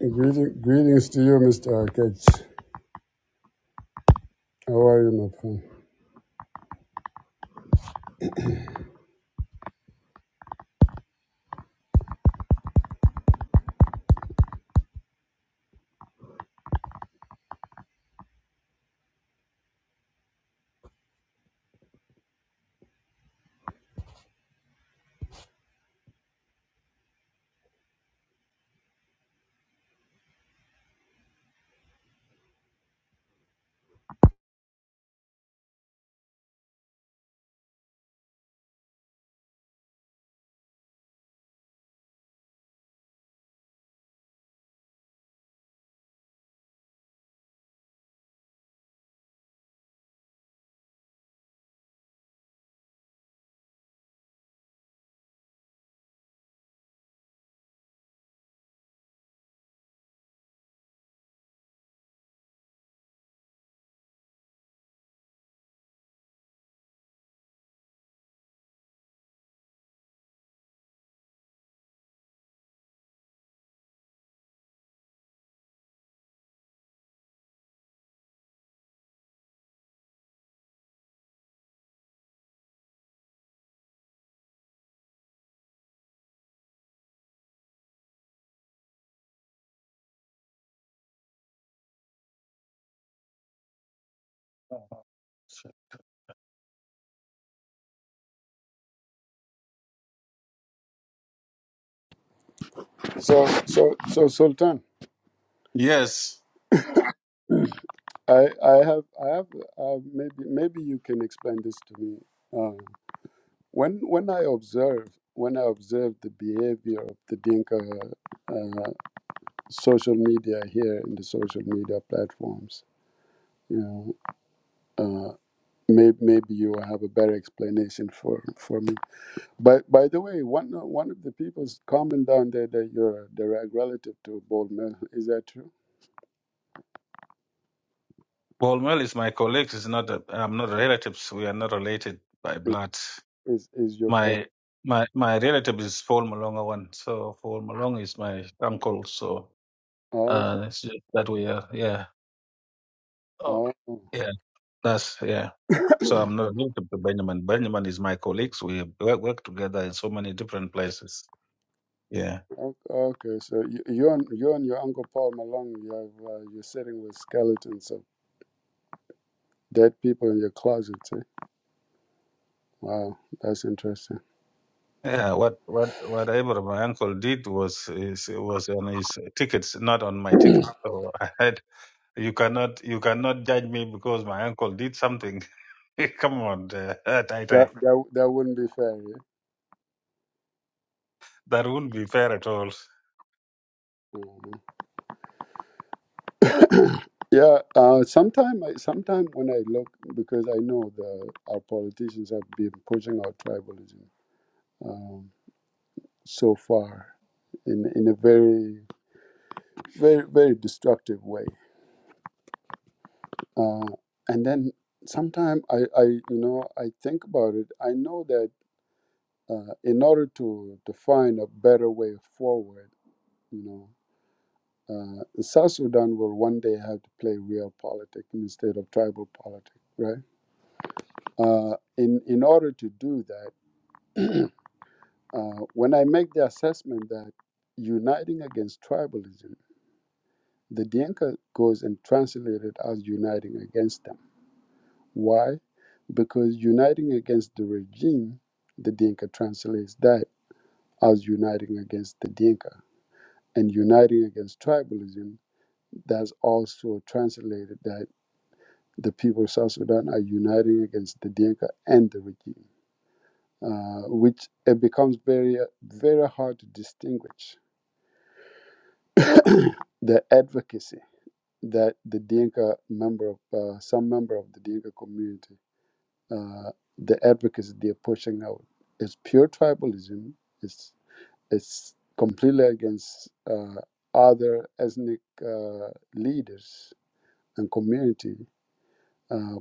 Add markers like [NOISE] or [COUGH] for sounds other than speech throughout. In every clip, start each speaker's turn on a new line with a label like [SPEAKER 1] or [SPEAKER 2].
[SPEAKER 1] Greeting, greetings to you, Mr. Akech. How are you, my friend? So, so, so, Sultan,
[SPEAKER 2] Yes,
[SPEAKER 1] I, I have, I have, uh, maybe, maybe you can explain this to me. Uh, when, when I observe, when I observe the behavior of the Dinka uh, social media here in the social media platforms, you know, uh, maybe, maybe you have a better explanation for, for me. But by the way, one o- one of the people's comment down there that you're a direct relative to Bold Mill, is that true?
[SPEAKER 2] Bolmel is my colleague. Is not. A, I'm not relatives. We are not related by
[SPEAKER 1] Is
[SPEAKER 2] blood.
[SPEAKER 1] is, is your call?
[SPEAKER 2] My my my relative is Paul Malonga one. So Paul Malonga is my uncle. So
[SPEAKER 1] Oh,
[SPEAKER 2] uh, it's just that we are. Yeah. Oh,
[SPEAKER 1] oh,
[SPEAKER 2] yeah. That's yeah. So I'm not related to Benjamin. Benjamin is my colleagues. We work, work together in so many different places. Yeah.
[SPEAKER 1] oh, okay. So you, you and you and your uncle Paul Malone, you have uh, you're sitting with skeletons of dead people in your closet. See? Wow, that's interesting.
[SPEAKER 2] Yeah, what what whatever my uncle did was is, was on his tickets, not on my ticket. So I had You cannot you cannot judge me because my uncle did something. [LAUGHS] Come on, uh, [LAUGHS] Tai
[SPEAKER 1] That
[SPEAKER 2] Tai.
[SPEAKER 1] that that wouldn't be fair.
[SPEAKER 2] That wouldn't be fair at all.
[SPEAKER 1] Yeah. Mhm. [COUGHS] Yeah, uh, sometime, I, sometime when I look, because I know the our politicians have been pushing out tribalism, Um, so far in in a very very very destructive way uh, and then sometimes I, I you know i think about it i know that uh, in order to to find a better way forward you know uh, south sudan will one day have to play real politics instead of tribal politics right uh, in in order to do that [CLEARS THROAT] uh, when i make the assessment that uniting against tribalism The Dinka goes and translated as uniting against them. Why? Because uniting against the regime, the Dinka translates that as uniting against the Dinka. And uniting against tribalism, that's also translated that the people of South Sudan are uniting against the Dinka and the regime, uh, which it becomes very, very hard to distinguish [COUGHS] [CLEARS THROAT] the advocacy that the Dinka member of uh, some member of the Dinka community uh, the advocacy they're pushing out is pure tribalism. It's it's completely against uh, other ethnic uh, leaders and community uh,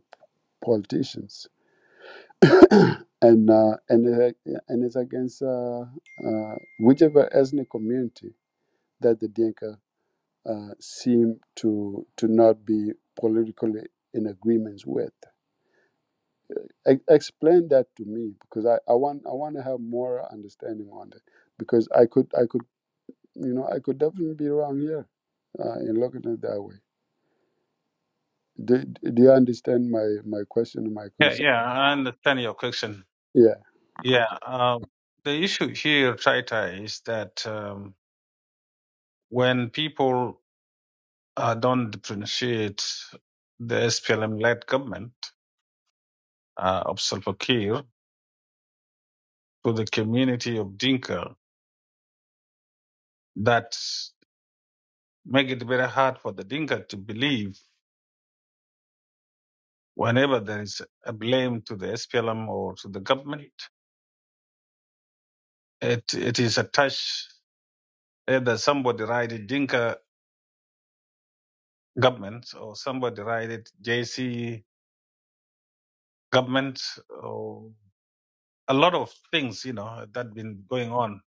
[SPEAKER 1] politicians, and uh, and it, and it's against uh, uh, whichever ethnic community that the Dinka uh, seem to to not be politically in agreements with. Ex- explain that to me because I, I want I want to have more understanding on it because I could I could you know I could definitely be wrong here uh, in looking at it that way. Do, do you understand my my question and my
[SPEAKER 2] Yeah,
[SPEAKER 1] concern?
[SPEAKER 2] yeah, I understand your question.
[SPEAKER 1] Yeah,
[SPEAKER 2] Yeah, um, the issue here, Tai Tai, is that um, when people uh, don't differentiate the SPLM-led government uh, of Salva Kiir to the community of Dinka, that make it very hard for the Dinka to believe. Whenever there is a blame to the SPLM or to the government, it, it is attached either somebody write it Dinka government or somebody write it JC government or a lot of things, you know, that been going on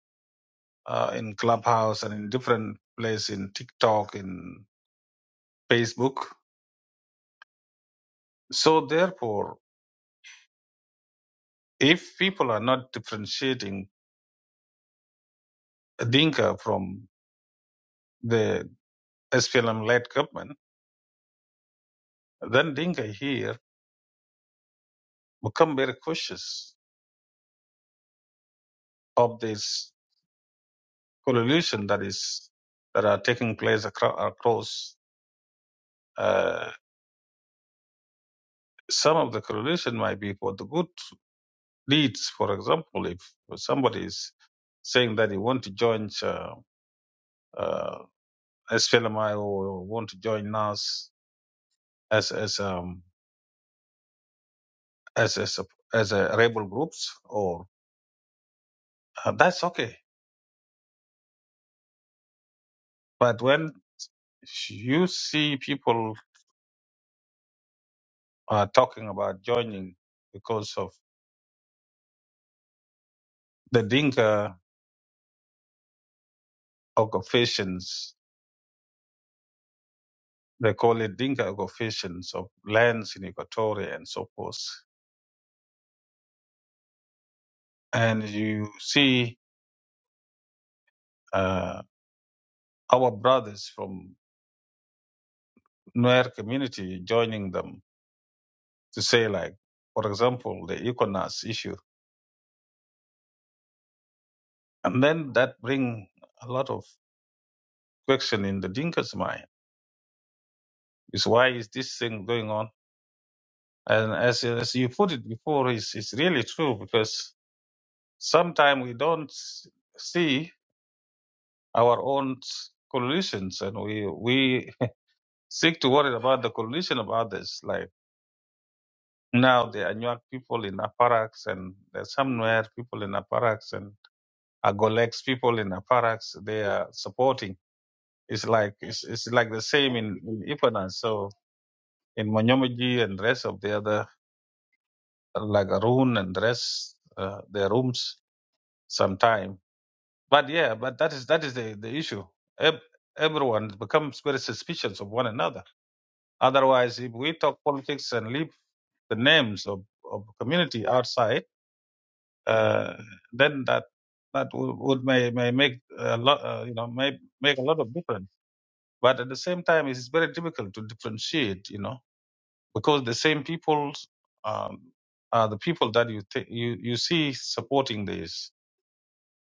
[SPEAKER 2] uh, in Clubhouse and in different places in TikTok, in Facebook. So therefore, if people are not differentiating Dinka from the SPLM-led government, then Dinka here become very cautious of this correlation that is that are taking place acro- across. Uh, some of the correlation might be for the good deeds. For example, if somebody is saying that he want to join uh, uh, SFLMI or want to join NAS as as um, as as a, as a rebel groups, or uh, that's okay. But when you see people are talking about joining because of the Dinka occupations, they call it Dinka occupations of lands in Equatoria and so forth. And you see uh, our brothers from Nuer community joining them to say, like, for example, the Econas issue. And then that bring a lot of question in the Dinka's mind is why is this thing going on? And as, as you put it before, it's, it's really true because sometimes we don't see our own collisions, and we we [LAUGHS] seek to worry about the collision of others. Like now, the Anuak people in Aparax, and there's somewhere people in Aparax, and Agolex people in Aparax. They are supporting. It's like it's, it's like the same in, in Ipana. So in Monyomaji and rest of the other like Arun and rest uh, their rooms sometime. But yeah, but that is that is the the issue. Ev- Everyone becomes very suspicious of one another Otherwise, if we talk politics and leave the names of, of community outside, uh, then that that would, would may, may make a lot, uh, you know, may make a lot of difference. But at the same time, it's very difficult to differentiate, you know, because the same people um, are the people that you th- you you see supporting these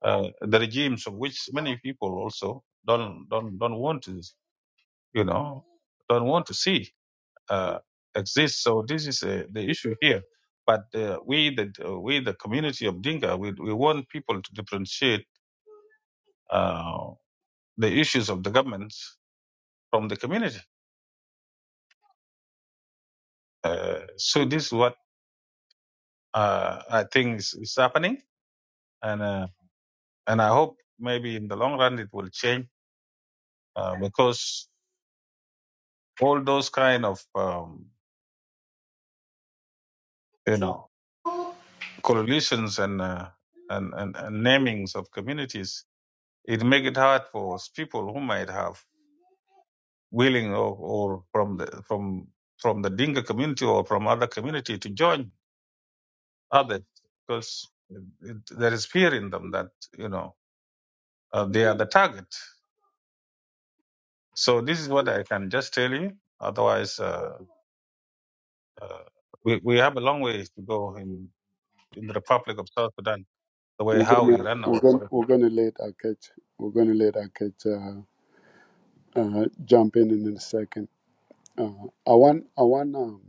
[SPEAKER 2] uh, the regimes of which many people also don't don't don't want to, you know, don't want to see. uh, exist. So this is uh, the issue here. But uh, we, the uh, we, the community of Dinka, we, we want people to differentiate uh, the issues of the government from the community. Uh, so this is what uh, I think is, is happening, and uh, and I hope maybe in the long run it will change uh, because all those kind of um, you know coalitions and, uh, and and and namings of communities it make it hard for people who might have willing or, or from the from from the Dinka community or from other community to join others because it, it, there is fear in them that you know uh, they are the target. So this is what I can just tell you. Otherwise, uh, uh, we we have a long way to go in in the Republic of South Sudan. The way
[SPEAKER 1] we're
[SPEAKER 2] how
[SPEAKER 1] gonna
[SPEAKER 2] we run
[SPEAKER 1] we're
[SPEAKER 2] our
[SPEAKER 1] gonna
[SPEAKER 2] politics.
[SPEAKER 1] we're gonna let our catch we're gonna let our catch uh, uh, jump in in a second. Uh, I want I want um,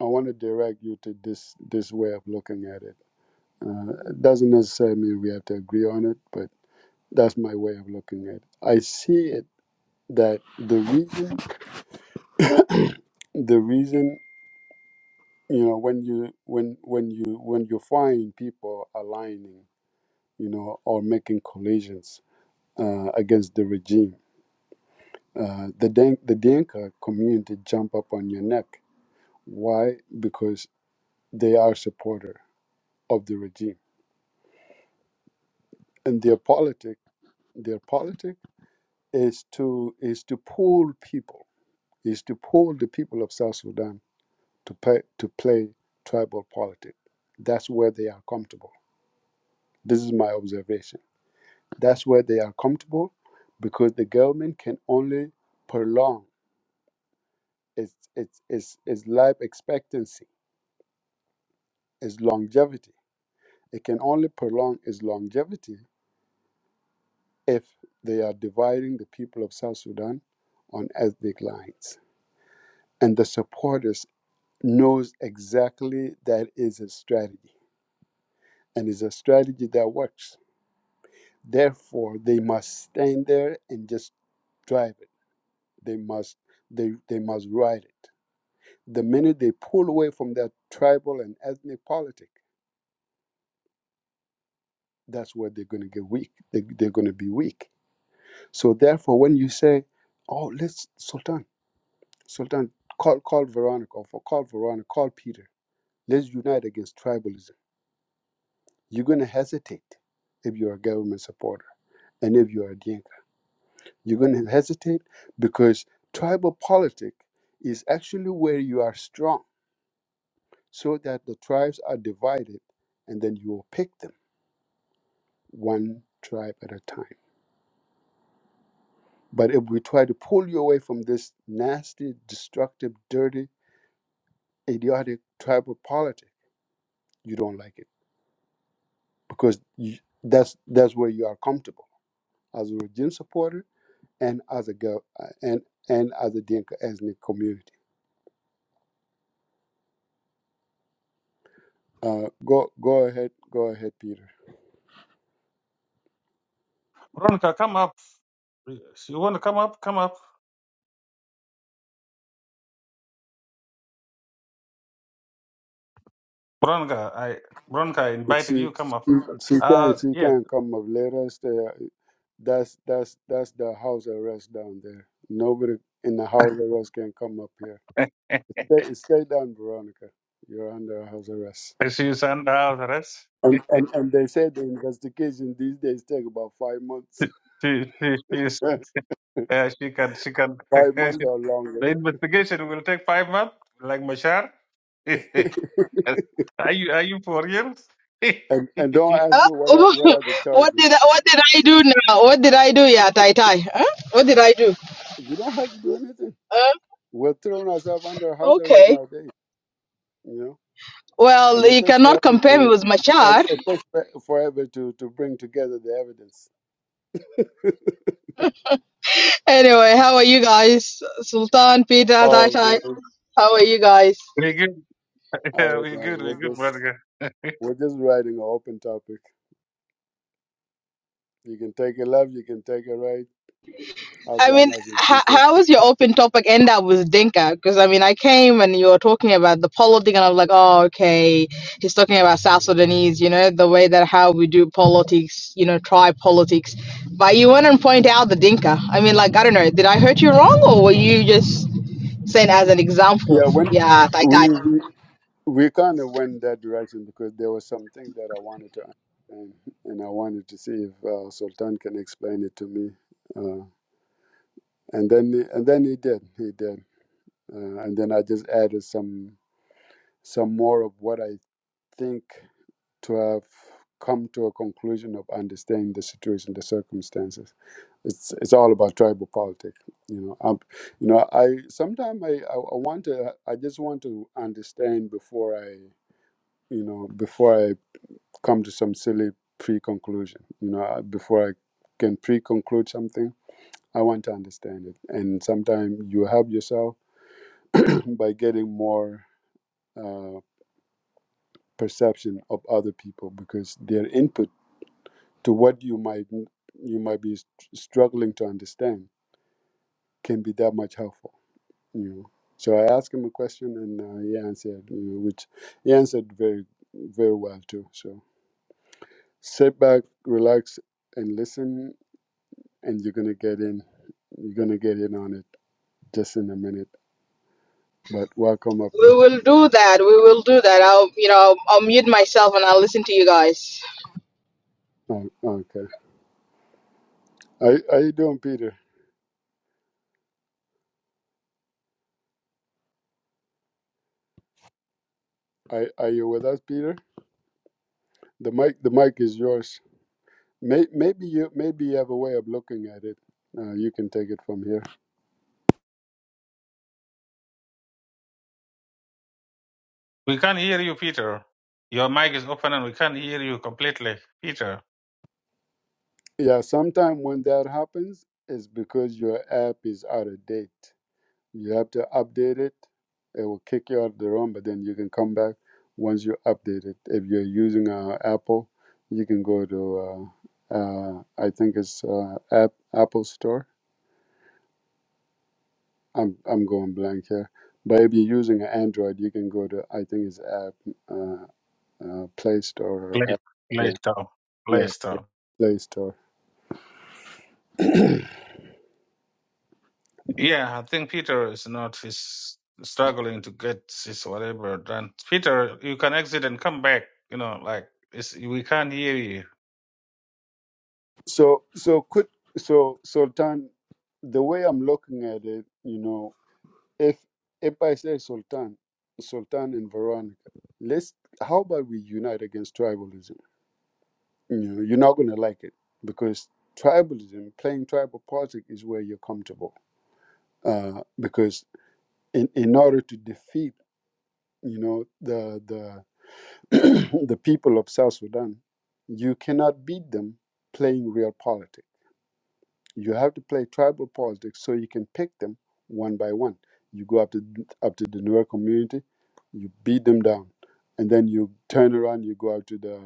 [SPEAKER 1] I want to direct you to this this way of looking at it. Uh, it doesn't necessarily mean we have to agree on it, but That's my way of looking at it. I see it that the reason, [COUGHS] the reason, you know, when you when when you when you find people aligning, you know, or making collisions uh, against the regime, uh, the Dan- the Dinka community jump up on your neck. Why? Because they are supporter of the regime, and their politic their politic is to is to pull people is to pull the people of South Sudan to pay, to play tribal politics. That's where they are comfortable. This is my observation. That's where they are comfortable because the government can only prolong its its its, its life expectancy, its longevity. It can only prolong its longevity if they are dividing the people of South Sudan on ethnic lines. And the supporters knows exactly that is a strategy. And it's a strategy that works Therefore, they must stand there and just drive it. They must they they must ride it. The minute they pull away from their tribal and ethnic politic, that's where they're going to get weak. They, they're going to be weak. So therefore, when you say, "Oh, let's Sultan, Sultan, call call Veronica, or call Veronica, call Peter, let's unite against tribalism," you're going to hesitate if you're a government supporter and if you're a Dinka. You're going to hesitate because tribal politic is actually where you are strong so that the tribes are divided and then you will pick them one tribe at a time. But if we try to pull you away from this nasty, destructive, dirty, idiotic tribal politic, you don't like it because you, that's that's where you are comfortable as a regime supporter and as a girl and and as a Dinka ethnic community. Uh, go go ahead, go ahead, Peter.
[SPEAKER 2] Veronica, come up. You want to come up? Come up, Veronica. I Veronica invited
[SPEAKER 1] She
[SPEAKER 2] you. Come up.
[SPEAKER 1] she can
[SPEAKER 2] Uh,
[SPEAKER 1] she
[SPEAKER 2] yes.
[SPEAKER 1] can come up. Let us stay. That's that's that's the house arrest down there. Nobody in the house arrest can come up here.
[SPEAKER 2] [LAUGHS]
[SPEAKER 1] Stay stay down, Veronica. You're under house arrest.
[SPEAKER 2] She's under house arrest.
[SPEAKER 1] And and and they say the investigation these days take about five months,
[SPEAKER 2] She she she
[SPEAKER 1] [LAUGHS]
[SPEAKER 2] is uh, she can she can
[SPEAKER 1] five
[SPEAKER 2] [LAUGHS]
[SPEAKER 1] months
[SPEAKER 2] she,
[SPEAKER 1] or
[SPEAKER 2] the
[SPEAKER 1] longer.
[SPEAKER 2] investigation will take five months like Mashar. [LAUGHS]
[SPEAKER 1] [LAUGHS]
[SPEAKER 2] are you are you for real? [LAUGHS] we
[SPEAKER 1] and and don't ask
[SPEAKER 3] Oh,
[SPEAKER 1] me what are
[SPEAKER 3] [LAUGHS]
[SPEAKER 1] what are the
[SPEAKER 3] what
[SPEAKER 1] charges.
[SPEAKER 3] did I, what did I do now? What did I do? Yeah, Tai Tai. Huh? What did I do?
[SPEAKER 1] You don't have to do anything.
[SPEAKER 3] Uh,
[SPEAKER 1] We're throwing ourselves under house arrest
[SPEAKER 3] okay.
[SPEAKER 1] nowadays. You know. and
[SPEAKER 3] Well,
[SPEAKER 1] it
[SPEAKER 3] you
[SPEAKER 1] takes
[SPEAKER 3] cannot
[SPEAKER 1] forever
[SPEAKER 3] compare me
[SPEAKER 1] to
[SPEAKER 3] with Machar.
[SPEAKER 1] and it takes fo- forever to to bring together the evidence. [LAUGHS]
[SPEAKER 3] Anyway, how are you guys? Sultan, Peter, Tai
[SPEAKER 1] Oh
[SPEAKER 3] Tai.
[SPEAKER 1] man,
[SPEAKER 3] How are you guys?
[SPEAKER 2] good. [LAUGHS]
[SPEAKER 1] I don't
[SPEAKER 2] we
[SPEAKER 1] know.
[SPEAKER 2] good. We
[SPEAKER 1] We're
[SPEAKER 2] good,
[SPEAKER 1] just
[SPEAKER 2] brother.
[SPEAKER 1] we're just writing an open topic. You can take it left, you can take it right, as
[SPEAKER 3] I
[SPEAKER 1] long
[SPEAKER 3] mean,
[SPEAKER 1] as it's
[SPEAKER 3] how, how
[SPEAKER 1] interesting.
[SPEAKER 3] is your open topic end up with Dinka? Because I mean, I came and you were talking about the polo thing, and I was like, oh, okay, he's talking about South Sudanese, you know, the way that how we do politics, you know, tribe politics. But you went and point out the Dinka. I mean, like, I don't know, did I hurt you wrong, or were you just saying as an example?
[SPEAKER 1] Yeah, when
[SPEAKER 3] Yeah, I, I,
[SPEAKER 1] we we, we kind of went that direction because there were some things that I wanted to understand, and I wanted to see if uh, Sultan can explain it to me. Uh, and then and then he did, he did, uh, and then I just added some some more of what I think to have come to a conclusion of understanding the situation, the circumstances. It's it's all about tribal politics, you know. Um, you know, I sometimes I, I I want to I just want to understand before I you know before I come to some silly pre-conclusion. You know, I- before I can pre-conclude something, I want to understand it. And sometimes you help yourself [CLEARS THROAT] by getting more uh, perception of other people because their input to what you might you might be str- struggling to understand can be that much helpful you know so i asked him a question and uh, he answered you know which he answered very very well too so sit back relax and listen and you're gonna get in you're gonna get in on it just in a minute but welcome up
[SPEAKER 3] we
[SPEAKER 1] though
[SPEAKER 3] will do that. We will do that. I'll, you know, I'll, I'll mute myself and I'll listen to you guys.
[SPEAKER 1] oh, okay how, how you doing peter are, are you with us peter the mic the mic is yours May, maybe you maybe you have a way of looking at it. Uh, you can take it from here.
[SPEAKER 2] We can't hear you, Peter. Your mic is open and we can't hear you completely, Peter.
[SPEAKER 1] Yeah, sometimes when that happens, it's because your app is out of date. You have to update it. It will kick you out of the room, but then you can come back once you update it. If you're using uh, Apple, you can go to uh, uh, I think it's uh, app Apple Store. I'm I'm going blank here. But if you're using an Android, you can go to I think it's app uh, uh, Play Store or
[SPEAKER 2] Play
[SPEAKER 1] app.
[SPEAKER 2] play
[SPEAKER 1] Yeah.
[SPEAKER 2] stop.
[SPEAKER 1] Yeah,
[SPEAKER 2] Play stop.
[SPEAKER 1] Play Store.
[SPEAKER 2] Yeah, I think Peter is not is struggling to get his whatever done. Peter, you can exit and come back. You know, like it's, we can't hear you.
[SPEAKER 1] So so could so Sultan, the way I'm looking at it, you know, if if I say Sultan, Sultan and Veronica, let's how about we unite against tribalism? You know, you're not gonna like it because tribalism, playing tribal politics is where you're comfortable. Uh, because in, in order to defeat, you know, the the [CLEARS THROAT] the people of South Sudan, you cannot beat them playing real politics You have to play tribal politics so you can pick them one by one. You go up to up to the Nuer community, you beat them down, and then you turn around, you go out to the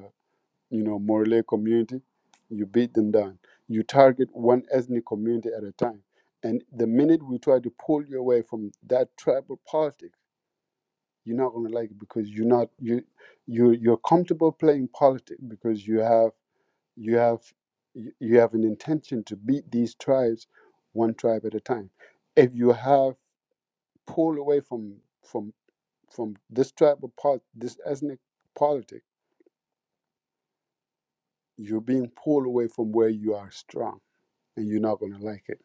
[SPEAKER 1] you know Morley community, you beat them down. You target one ethnic community at a time, and the minute we try to pull you away from that tribal politics, you're not going to like it because you're not you you you're comfortable playing politics because you have you have you have an intention to beat these tribes one tribe at a time if you have pulled away from from from this tribal part this ethnic politic you're being pulled away from where you are strong and you're not going to like it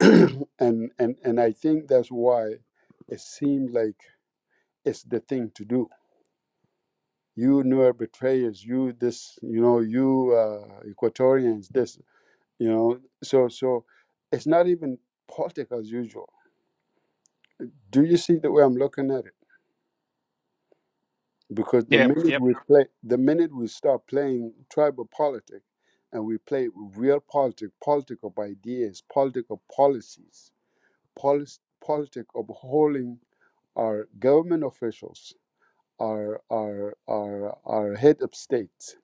[SPEAKER 1] [CLEARS THROAT] and and and i think that's why it seemed like it's the thing to do you newer betrayers you this you know you uh, equatorians this you know so so it's not even politics as usual Do you see the way I'm looking at it? Because the
[SPEAKER 2] Yep,
[SPEAKER 1] minute
[SPEAKER 2] yep.
[SPEAKER 1] we play, the minute we start playing tribal politics, and we play real politics, politics of ideas, politics of policies, policy, politics of holding our government officials, our our our our head of states.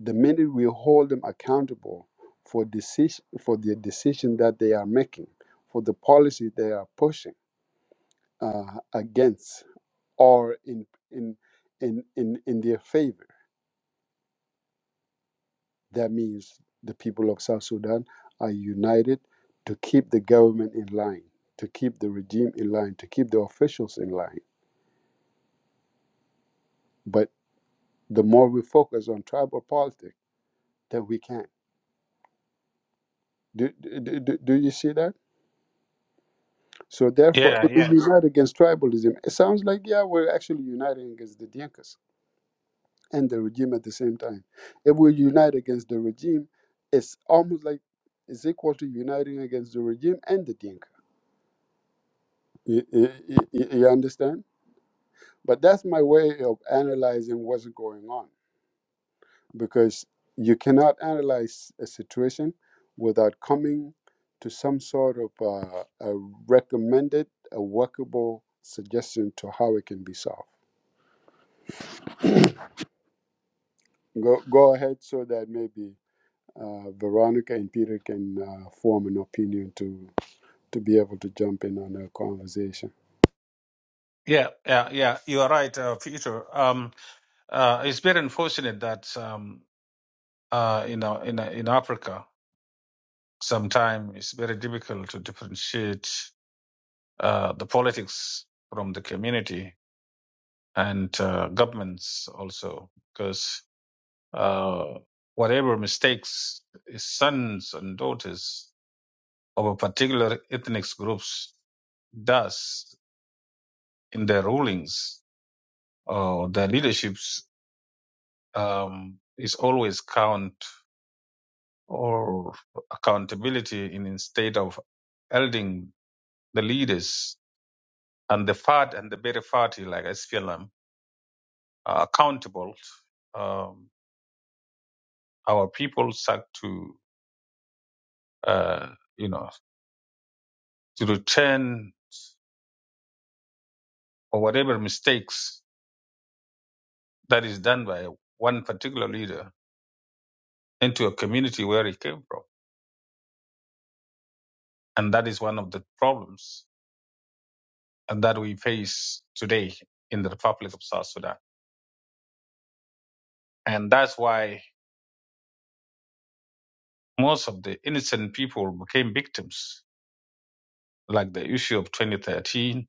[SPEAKER 1] The minute we hold them accountable for decision for the decision that they are making, for the policy they are pushing uh, against are in in in in, in their favor. That means the people of South Sudan are united to keep the government in line, to keep the regime in line, to keep the officials in line. But the more we focus on tribal politics, then we can. Do, do, do, do you see that? So therefore,
[SPEAKER 2] Yeah,
[SPEAKER 1] it is
[SPEAKER 2] yeah.
[SPEAKER 1] united against tribalism. It sounds like yeah, we're actually united against the Dinkas and the regime at the same time. If we unite against the regime, it's almost like it's equal to uniting against the regime and the Dinka. You, you, you you understand? But that's my way of analyzing what's going on because you cannot analyze a situation without coming to some sort of uh, a recommended, a workable suggestion to how it can be solved. Go, go ahead so that maybe Uh, Veronica and Peter can uh, form an opinion to to be able to jump in on a conversation.
[SPEAKER 2] Yeah, yeah, yeah. You are right, uh, Peter. Um, uh, it's very unfortunate that um, uh, you know, in in Africa, sometimes it's very difficult to differentiate uh, the politics from the community and uh, governments also, uh, whatever mistakes sons and daughters of a particular ethnic groups does in their rulings or their leaderships um, is always count or accountability in instead of holding the leaders and the part and the better party like SPLM are accountable. Um, our people start to uh, you know to return or whatever mistakes that is done by one particular leader into a community where he came from. And that is one of the problems that we face today in the Republic of South Sudan. And that's why most of the innocent people became victims, like the issue of 2013,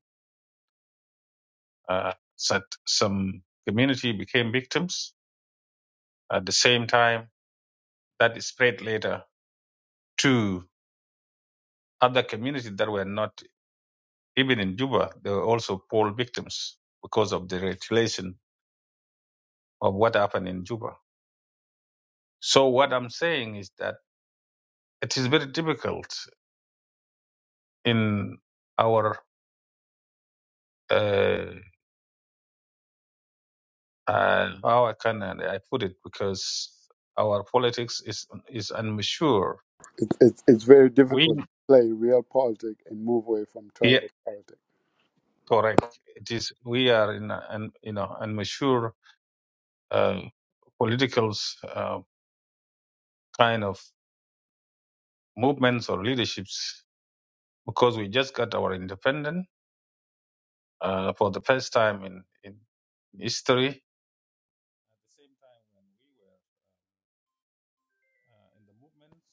[SPEAKER 2] uh, that some community became victims at the same time That spread later to other communities that were not even in Juba. They were also poor victims because of the regulation of what happened in Juba. So what I'm saying is that it is very difficult in our uh, uh, how I can I put it because our politics is is immature.
[SPEAKER 1] It, it's it's very
[SPEAKER 2] We
[SPEAKER 1] difficult to play real politics and move away from
[SPEAKER 2] yeah
[SPEAKER 1] tribal politics.
[SPEAKER 2] correct. It is we are in an you know immature uh, political uh, kind of movements or leaderships because we just got our independence uh, for the first time in in history. At the same time, when we were uh, in the movements.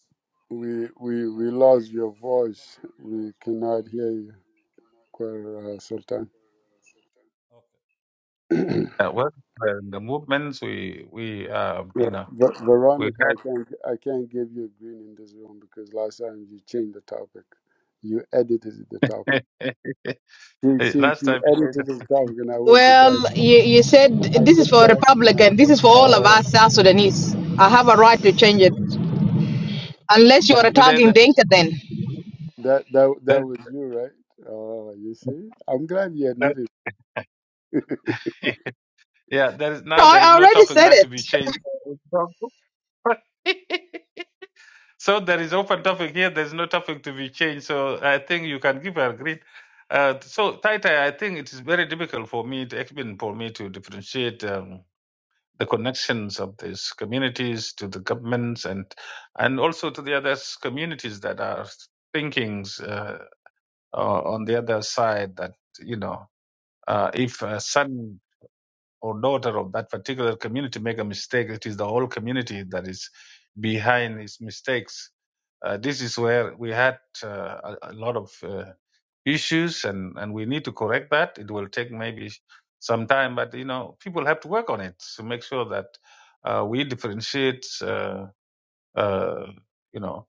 [SPEAKER 1] We
[SPEAKER 2] We
[SPEAKER 1] we we
[SPEAKER 2] had
[SPEAKER 1] lost your
[SPEAKER 2] a lot.
[SPEAKER 1] voice. We cannot hear you, Quer, uh, Sultan.
[SPEAKER 2] Okay.
[SPEAKER 1] [CLEARS THROAT] Ver-
[SPEAKER 2] Uh, well, uh, the movements we we uh, you know
[SPEAKER 1] Ver-
[SPEAKER 2] we
[SPEAKER 1] Veronica,
[SPEAKER 2] had
[SPEAKER 1] I can't I can't give you a green in this room because last time you changed the topic. You edited the topic. She,
[SPEAKER 2] [LAUGHS]
[SPEAKER 1] she,
[SPEAKER 2] last
[SPEAKER 1] she
[SPEAKER 2] time we changed.
[SPEAKER 1] edited
[SPEAKER 2] the-
[SPEAKER 1] the topic, and I went to
[SPEAKER 3] Well,
[SPEAKER 1] bed.
[SPEAKER 3] you, you said
[SPEAKER 1] I
[SPEAKER 3] this
[SPEAKER 1] came
[SPEAKER 3] is for
[SPEAKER 1] back and i was
[SPEAKER 3] Republican. This
[SPEAKER 1] like,
[SPEAKER 3] is for all of
[SPEAKER 1] oh,
[SPEAKER 3] us South Sudanese. I have a right to change it. Unless you are
[SPEAKER 2] Today
[SPEAKER 3] attacking
[SPEAKER 2] that
[SPEAKER 3] Dinka then.
[SPEAKER 1] that that
[SPEAKER 2] that,
[SPEAKER 1] that was you, right? Oh, you see, I'm glad you
[SPEAKER 2] that
[SPEAKER 1] admitted. [LAUGHS]
[SPEAKER 2] [LAUGHS] yeah, there is
[SPEAKER 3] No,
[SPEAKER 2] now
[SPEAKER 3] I
[SPEAKER 2] there is
[SPEAKER 3] I
[SPEAKER 2] no
[SPEAKER 3] already
[SPEAKER 2] topic
[SPEAKER 3] said
[SPEAKER 2] that
[SPEAKER 3] it.
[SPEAKER 2] to be changed. [LAUGHS] so there is open topic here. There is no topic to be changed. So I think you can give a green. Uh, so Taita, I think it is very difficult for me to it's been for me to differentiate. Um, the connections of these communities to the governments and and also to the other communities that are thinkings uh, o- on the other side that you know uh, if a son or daughter of that particular community make a mistake it is the whole community that is behind his mistakes uh, this is where we had uh, a, a lot of uh, issues and and we need to correct that it will take maybe some time but you know people have to work on it to make sure that uh, we differentiate uh, uh, you know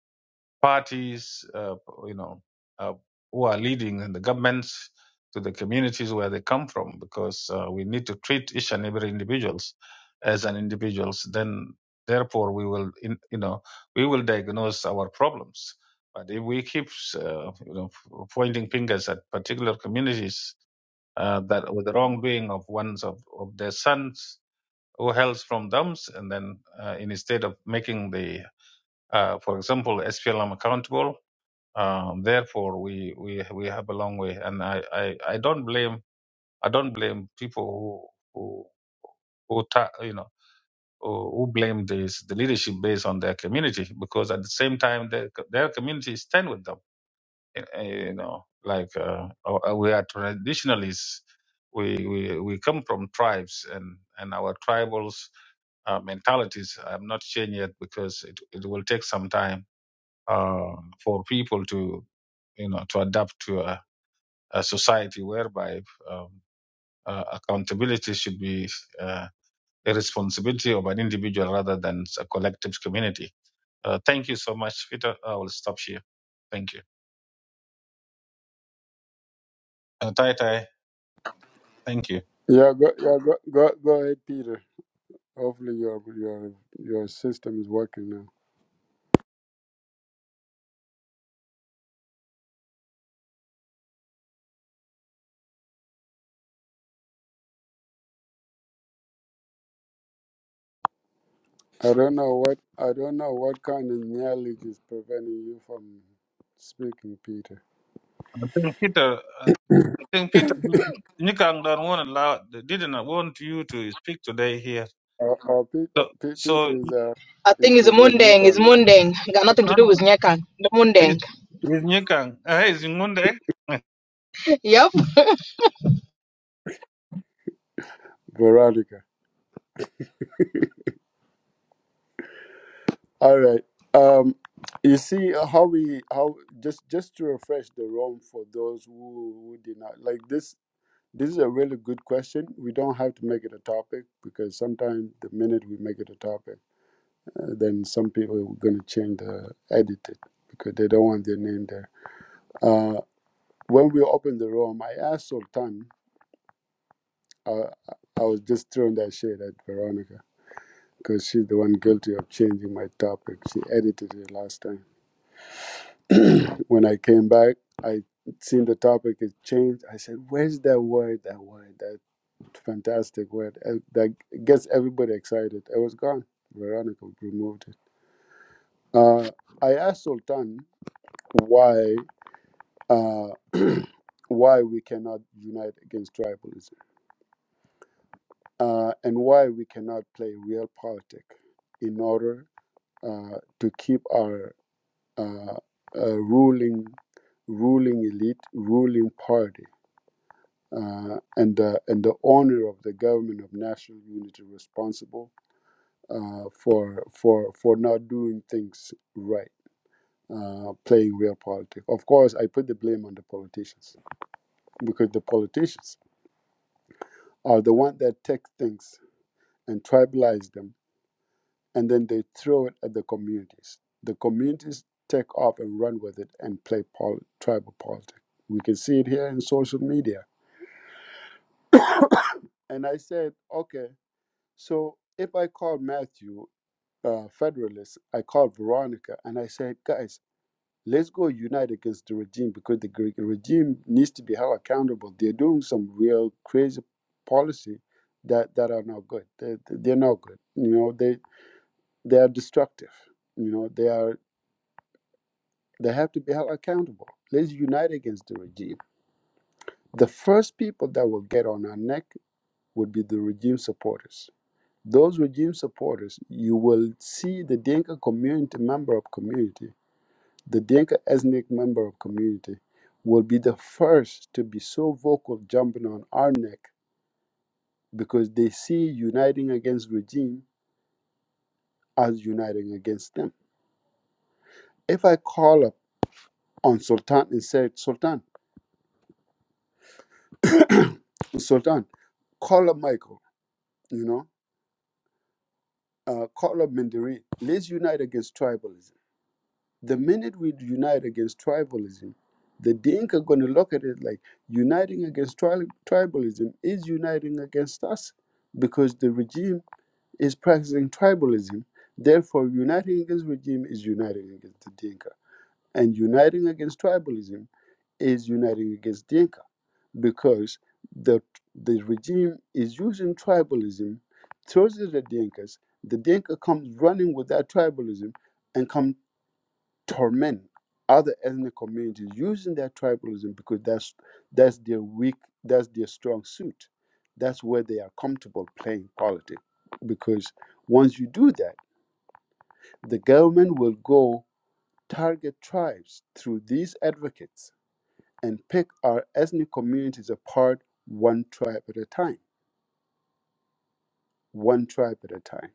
[SPEAKER 2] parties, uh, you know, uh, who are leading and the governments to the communities where they come from, because uh, we need to treat each and every individuals as an individuals. Then, therefore, we will, in, you know, we will diagnose our problems. But if we keep, uh, you know, pointing fingers at particular communities uh, that with the wrongdoing of one's of, of their sons who hails from them, and then uh, in- instead of making the, uh, for example, SPLM accountable, um, therefore, we, we we have a long way, and I, I, I don't blame I don't blame people who who, who ta- you know who who blame this the leadership based on their community because at the same time their their community stand with them. Eh, eh, You know, like uh, uh, we are traditionalists. We, we we come from tribes, and and our tribals uh, mentalities have not changed yet because it, it will take some time uh, for people to you know to adapt to. a a society whereby um, uh, accountability should be uh, a responsibility of an individual rather than a collective community. Uh, thank you so much, Peter. I will stop here. Thank you. Uh, tai tai, thank you.
[SPEAKER 1] Yeah, go, yeah, go, go, go ahead, Peter. Hopefully your your your system is working now. I don't know what I don't know what kind of knowledge is preventing you from speaking, Peter.
[SPEAKER 2] I think Peter, I think Peter, Nikang don't want allow, didn't want you to speak today here.
[SPEAKER 1] Uh, uh, Pete, Pete,
[SPEAKER 2] So
[SPEAKER 1] Peter is uh,
[SPEAKER 3] I
[SPEAKER 1] is
[SPEAKER 3] think it's
[SPEAKER 1] is with
[SPEAKER 3] Mundeng. It's
[SPEAKER 1] Nikon,
[SPEAKER 3] Mundeng. Got nothing to
[SPEAKER 2] now
[SPEAKER 3] do with Nyakang. The
[SPEAKER 2] is
[SPEAKER 3] Mundeng. [LAUGHS]
[SPEAKER 2] is Nikang, uh, is Ngunde. I
[SPEAKER 3] Yep.
[SPEAKER 1] Veronica. All right. Um, you see how we how just just to refresh the room for those who, who did not like this. This is a really good question. We don't have to make it a topic because sometimes the minute we make it a topic, uh, then some people are going to change the edit it because they don't want their name there. Uh, when we opened the room, I asked Sultan. Uh, I was just throwing that shade at Veronica because she's the one guilty of changing my topic. She edited it last time [CLEARS THROAT] when I came back, I seen the topic has changed. I said, "Where's that word? That word? That fantastic word uh, that gets everybody excited." It was gone. Veronica removed it. Uh, I asked Sultan why uh, [CLEARS THROAT] why we cannot unite against tribalism uh, and why we cannot play real politics in order uh, to keep our uh, uh, ruling ruling elite ruling party uh, and the and the honor of the government of national unity responsible uh, for for for not doing things right, uh, playing real politics. Of course, I put the blame on the politicians because the politicians are the one that take things and tribalize them, and then they throw it at the communities. The communities take off and run with it and play pol- tribal politics. We can see it here in social media. [COUGHS] And I said, okay, so if I call Matthew uh, Federalists, I called Veronica and I said, guys, let's go unite against the regime because the Greek regime needs to be held accountable. They're doing some real crazy policy that, that are not good. They, they're not good. You know, they they are destructive. You know, they are they have to be held accountable. Let's unite against the regime. The first people that will get on our neck would be the regime supporters. Those regime supporters, you will see the Dinka community member of community The Dinka ethnic member of community will be the first to be so vocal jumping on our neck because they see uniting against regime as uniting against them. If I call up on Sultan and said, Sultan, [COUGHS] [CLEARS THROAT] Sultan, call up Michael, you know, uh, call up Mindiri, let's unite against tribalism The minute we unite against tribalism, the Dinka are going to look at it like uniting against tri- tribalism is uniting against us because the regime is practicing tribalism. Therefore, uniting against regime is uniting against the Dinka. And uniting against tribalism is uniting against Dinka because the the regime is using tribalism, throws it at Dinkas. The Dinka comes running with that tribalism and come torment other ethnic communities using their tribalism because that's that's their weak that's their strong suit that's where they are comfortable playing politics because once you do that the government will go target tribes through these advocates and pick our ethnic communities apart one tribe at a time one tribe at a time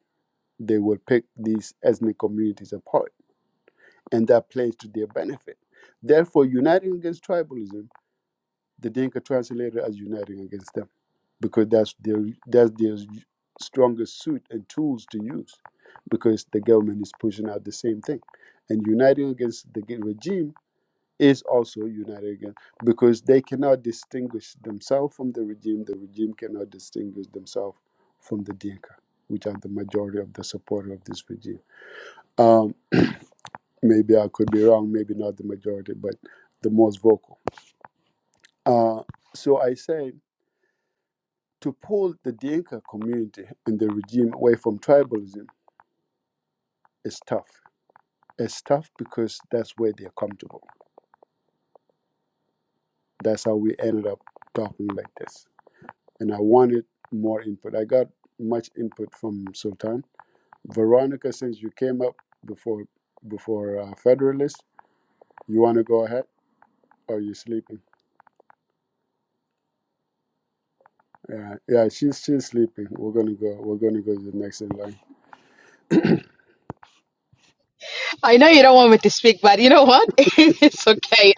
[SPEAKER 1] they will pick these ethnic communities apart and that plays to their benefit therefore uniting against tribalism the Dinka translated as uniting against them because that's their that's their strongest suit and tools to use because the government is pushing out the same thing and uniting against the regime is also uniting against because they cannot distinguish themselves from the regime the regime cannot distinguish themselves from the Dinka which are the majority of the supporter of this regime um, maybe I could be wrong maybe not the majority but the most vocal uh, so I say to pull the Dinka community and the regime away from tribalism is tough. It's tough because that's where they're comfortable. That's how we ended up talking like this. And I wanted more input. I got much input from Sultan. Veronica, since you came up before before uh, Federalist, you want to go ahead or you sleeping? Yeah, yeah, she's she's sleeping. We're gonna go. We're gonna go to the next in line.
[SPEAKER 3] I know you don't want me to speak, but you know what? [LAUGHS] it's okay.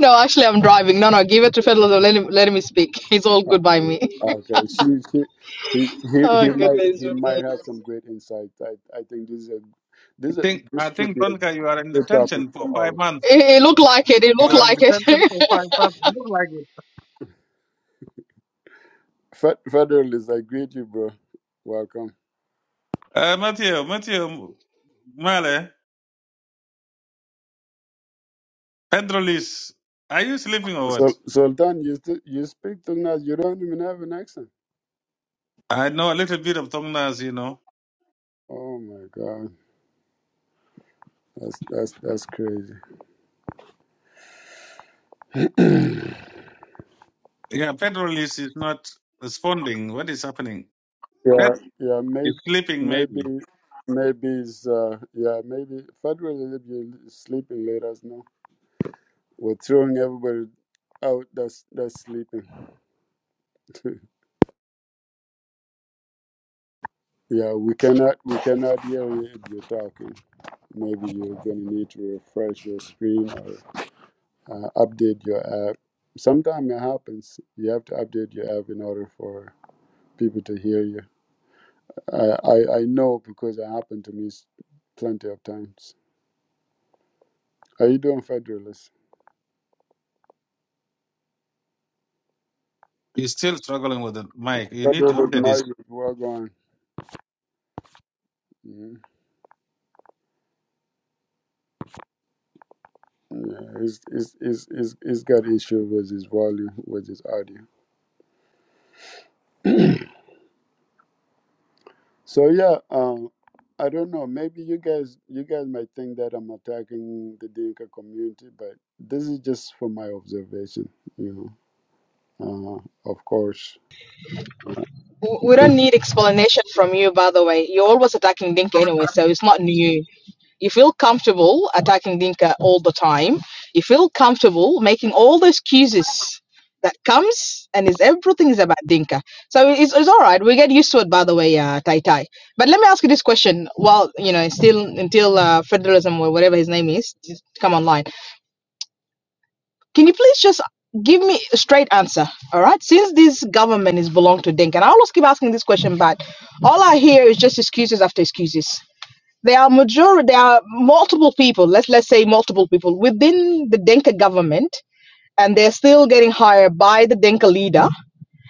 [SPEAKER 3] No, actually, I'm driving. No, no, give it to Federal. Let him, let me speak. [LAUGHS] It's all
[SPEAKER 1] [CLEARS THROAT]
[SPEAKER 3] good by me. [LAUGHS]
[SPEAKER 1] Okay, she, she he, he
[SPEAKER 3] Oh,
[SPEAKER 1] he might
[SPEAKER 3] goodness
[SPEAKER 1] he
[SPEAKER 3] me.
[SPEAKER 1] might have some great insight. I, I think this is a this is a,
[SPEAKER 2] think
[SPEAKER 1] this
[SPEAKER 2] I
[SPEAKER 1] should
[SPEAKER 2] think
[SPEAKER 1] be a
[SPEAKER 2] Tonka, you are in
[SPEAKER 1] good topic
[SPEAKER 2] detention
[SPEAKER 1] for
[SPEAKER 2] for
[SPEAKER 1] all.
[SPEAKER 2] five
[SPEAKER 1] of us.
[SPEAKER 2] months.
[SPEAKER 3] It, it looked like it. It looked
[SPEAKER 2] You are
[SPEAKER 1] Uh,
[SPEAKER 2] in
[SPEAKER 3] like it. [LAUGHS]
[SPEAKER 2] detention for five months.
[SPEAKER 1] Fe- Federalist, I greet you, bro. Welcome.
[SPEAKER 2] Uh, Matthew, Matthew, Male, Pedro Liz, are you sleeping or
[SPEAKER 1] So
[SPEAKER 2] what?
[SPEAKER 1] Sultan, you st- you speak Tungnas. You don't even have an accent.
[SPEAKER 2] I know a little bit of Tongnas, you know.
[SPEAKER 1] Oh my God, that's that's that's crazy. [CLEARS THROAT]
[SPEAKER 2] Yeah, Pedro Liz is not responding. What is happening? Pet
[SPEAKER 1] yeah, yeah, maybe
[SPEAKER 2] is sleeping,
[SPEAKER 1] maybe
[SPEAKER 2] maybe.
[SPEAKER 1] maybe it's, uh, yeah maybe Federalist. If you're sleeping, let us know. We're throwing everybody out that's that's sleeping. [LAUGHS] yeah, we cannot we cannot hear you if you're talking. Maybe you're gonna need to refresh your screen or uh, update your app. Sometimes it happens. You have to update your app in order for people to hear you. I I, I know because it happened to me s- plenty of times. How you doing, Federalist?
[SPEAKER 2] He's still struggling with the mic. You need to
[SPEAKER 1] Federalist
[SPEAKER 2] update this.
[SPEAKER 1] Mike, well gone. Mhm. Yeah, he's, he's, he's, he's, he's got issue with his volume, with his audio. [CLEARS THROAT] So yeah, um, I don't know. Maybe you guys, you guys might think that I'm attacking the Dinka community, but this is just from my observation. You know, uh, of course.
[SPEAKER 3] W- We don't need explanation from you, by the way. You're always attacking Dinka anyway, so it's not new. You feel comfortable attacking Dinka all the time. You feel comfortable making all the excuses that comes and is everything is about Dinka. So it's, it's all right. We get used to it, by the way, uh, Tai Tai. But let me ask you this question. While you know, still until uh, federalism or whatever his name is, just come online. Can you please just give me a straight answer? All right. Since this government is belong to Dink, and I always keep asking this question, but all I hear is just excuses after excuses. There are major, there are multiple people. Let's let's say multiple people within the Dinka government, and they're still getting hired by the Dinka leader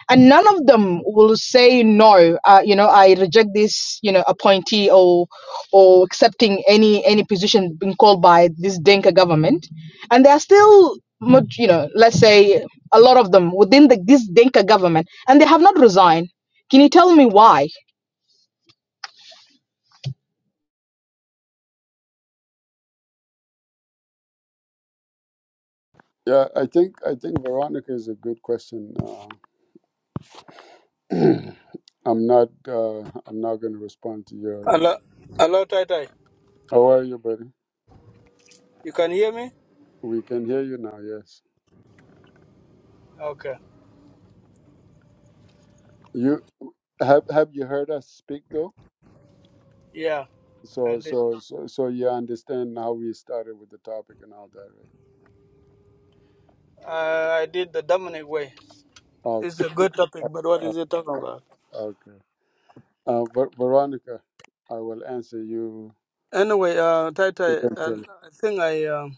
[SPEAKER 3] and none of them will say no uh, you know i reject this you know appointee or or accepting any any position being called by this dinka government and they are still mo- you know let's say a lot of them within the, this dinka government and they have not resigned can you tell me why
[SPEAKER 1] Yeah, I think I think Veronica is a good question. Uh, [CLEARS THROAT] I'm not uh, I'm not going to respond to your.
[SPEAKER 4] Hello, hello, Tai Tai.
[SPEAKER 1] How are you, buddy?
[SPEAKER 4] You can hear me?
[SPEAKER 1] We can hear you now. Yes,
[SPEAKER 4] Okay.
[SPEAKER 1] you have have you heard us speak though?
[SPEAKER 4] Yeah, I
[SPEAKER 1] So
[SPEAKER 4] did.
[SPEAKER 1] so so so you understand how we started with the topic and all that,
[SPEAKER 4] Uh, I did the Dominic way.
[SPEAKER 1] right?
[SPEAKER 4] It's a good topic, but what
[SPEAKER 1] Okay.
[SPEAKER 4] is it talking about?
[SPEAKER 1] Okay. Uh, Ver- Veronica, I will answer you
[SPEAKER 4] Anyway, uh, Tai Tai, uh,
[SPEAKER 1] eventually.
[SPEAKER 4] I think I, um,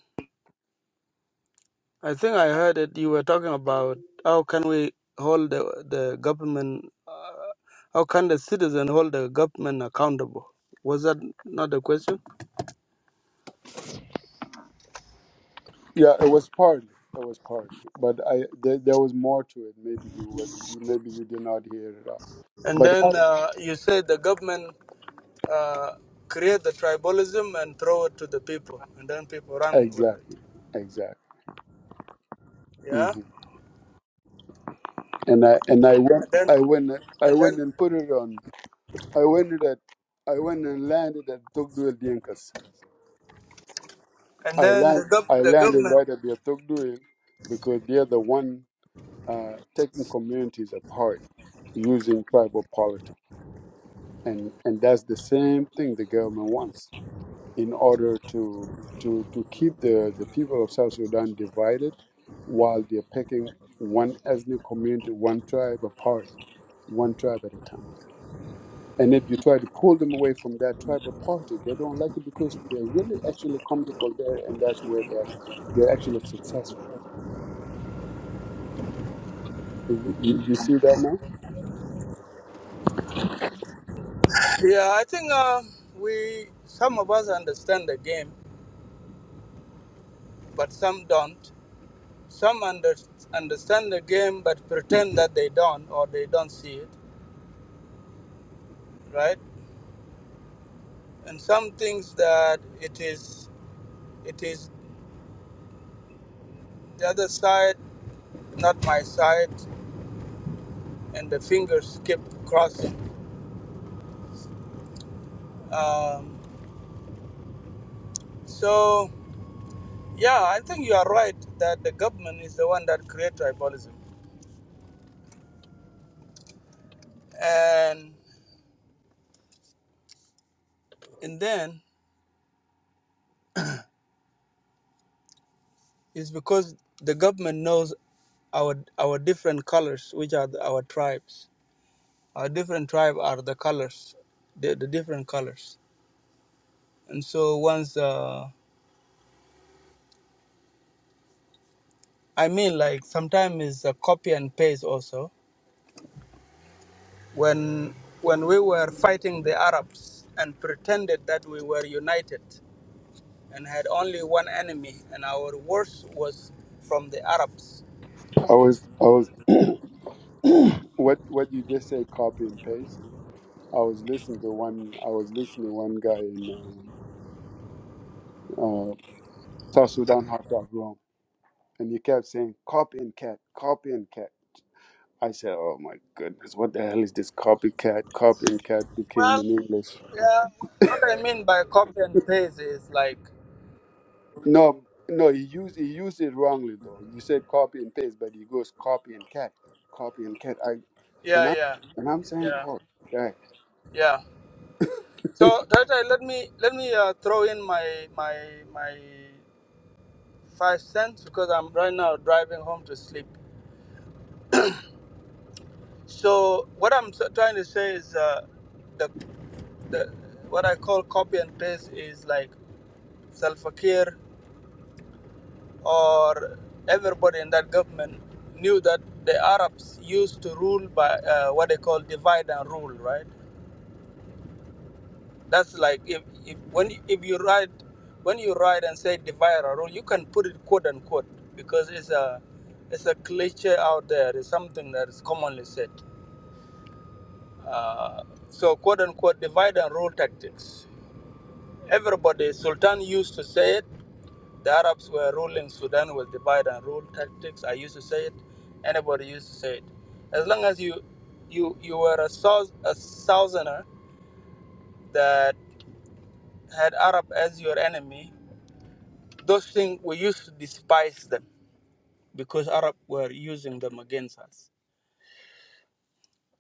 [SPEAKER 4] I think I heard it. You were talking about how can we hold the the government, uh, how can the citizen hold the government accountable? Was that not the question?
[SPEAKER 1] Yeah, it was partly. It was partly, but I there, there was more to it. Maybe you were, maybe you did not hear it all.
[SPEAKER 4] And
[SPEAKER 1] But how,
[SPEAKER 4] then uh, you said the government. uh, create the tribalism and throw it to the people, and then people run with it.
[SPEAKER 1] exactly, exactly. hmm
[SPEAKER 4] Yeah,
[SPEAKER 1] And I and I went
[SPEAKER 4] and then
[SPEAKER 1] I went I
[SPEAKER 4] and
[SPEAKER 1] went
[SPEAKER 4] then
[SPEAKER 1] and put it on. I went it at I went and landed at Tugduil Dienkas.
[SPEAKER 4] and
[SPEAKER 1] I
[SPEAKER 4] then
[SPEAKER 1] land
[SPEAKER 4] the
[SPEAKER 1] I
[SPEAKER 4] gov- the
[SPEAKER 1] landed
[SPEAKER 4] government.
[SPEAKER 1] right at the Tugduil because they're the one uh, taking communities apart using tribal politics. and and that's the same thing the government wants in order to to to keep the the people of South Sudan divided while they're picking one ethnic community, one tribe apart, one tribe at a time. And if you try to pull them away from that tribal politics, they don't like it because they're really actually comfortable there, and that's where they're they're actually successful. You, you, you see that now?
[SPEAKER 4] Yeah, I think uh, we some of us understand the game, but some don't. Some under, understand the game but pretend that they don't or they don't see it, right? And some things that it is it is the other side, not my side, and the fingers keep crossing. Um, So, yeah, I think you are right that the government is the one that created tribalism. And, and then it's because the government knows our, our different colors, which are the, our tribes. Our different tribe are the colors, the, the different colors. And so once, uh, I mean, like sometimes it's a copy and paste also. When, when we were fighting the Arabs and pretended that we were united, and had only one enemy, and our worst was from the Arabs.
[SPEAKER 1] I was I was [CLEARS THROAT] what what you just said, copy and paste I was listening to one. I was listening to one guy in uh, uh, South Sudan, hot dog Room, and he kept saying "copycat, copycat." I said, "Oh my goodness, what the hell is this copycat? Copycat became
[SPEAKER 4] Well,
[SPEAKER 1] in English."
[SPEAKER 4] yeah, what I mean by copy and paste is like,
[SPEAKER 1] No, no, he used he used it wrongly though. You said copy and paste, but he goes copy and cat, copy and cat. I and
[SPEAKER 4] yeah,
[SPEAKER 1] I
[SPEAKER 4] yeah,
[SPEAKER 1] and I'm saying,
[SPEAKER 4] yeah,
[SPEAKER 1] "Oh, guy,
[SPEAKER 4] yeah. So Tata, let me let me uh, throw in my my my five cents because I'm right now driving home to sleep. So what I'm s- trying to say is uh, the the what I call copy and paste is like self-care or everybody in that government knew that the Arabs used to rule by uh, what they call divide and rule, right? That's like if, if when if you write when you write and say divide and rule, you can put it quote unquote because it's a it's a cliche out there. It's something that is commonly said. Uh, so quote unquote divide and rule tactics. Everybody Sultan used to say it The Arabs were ruling Sudan with divide and rule tactics. I used to say it. Anybody used to say it. As long as you you you were a, sou- a southerner that had Arab as your enemy, those things we used to despise them because Arab were using them against us.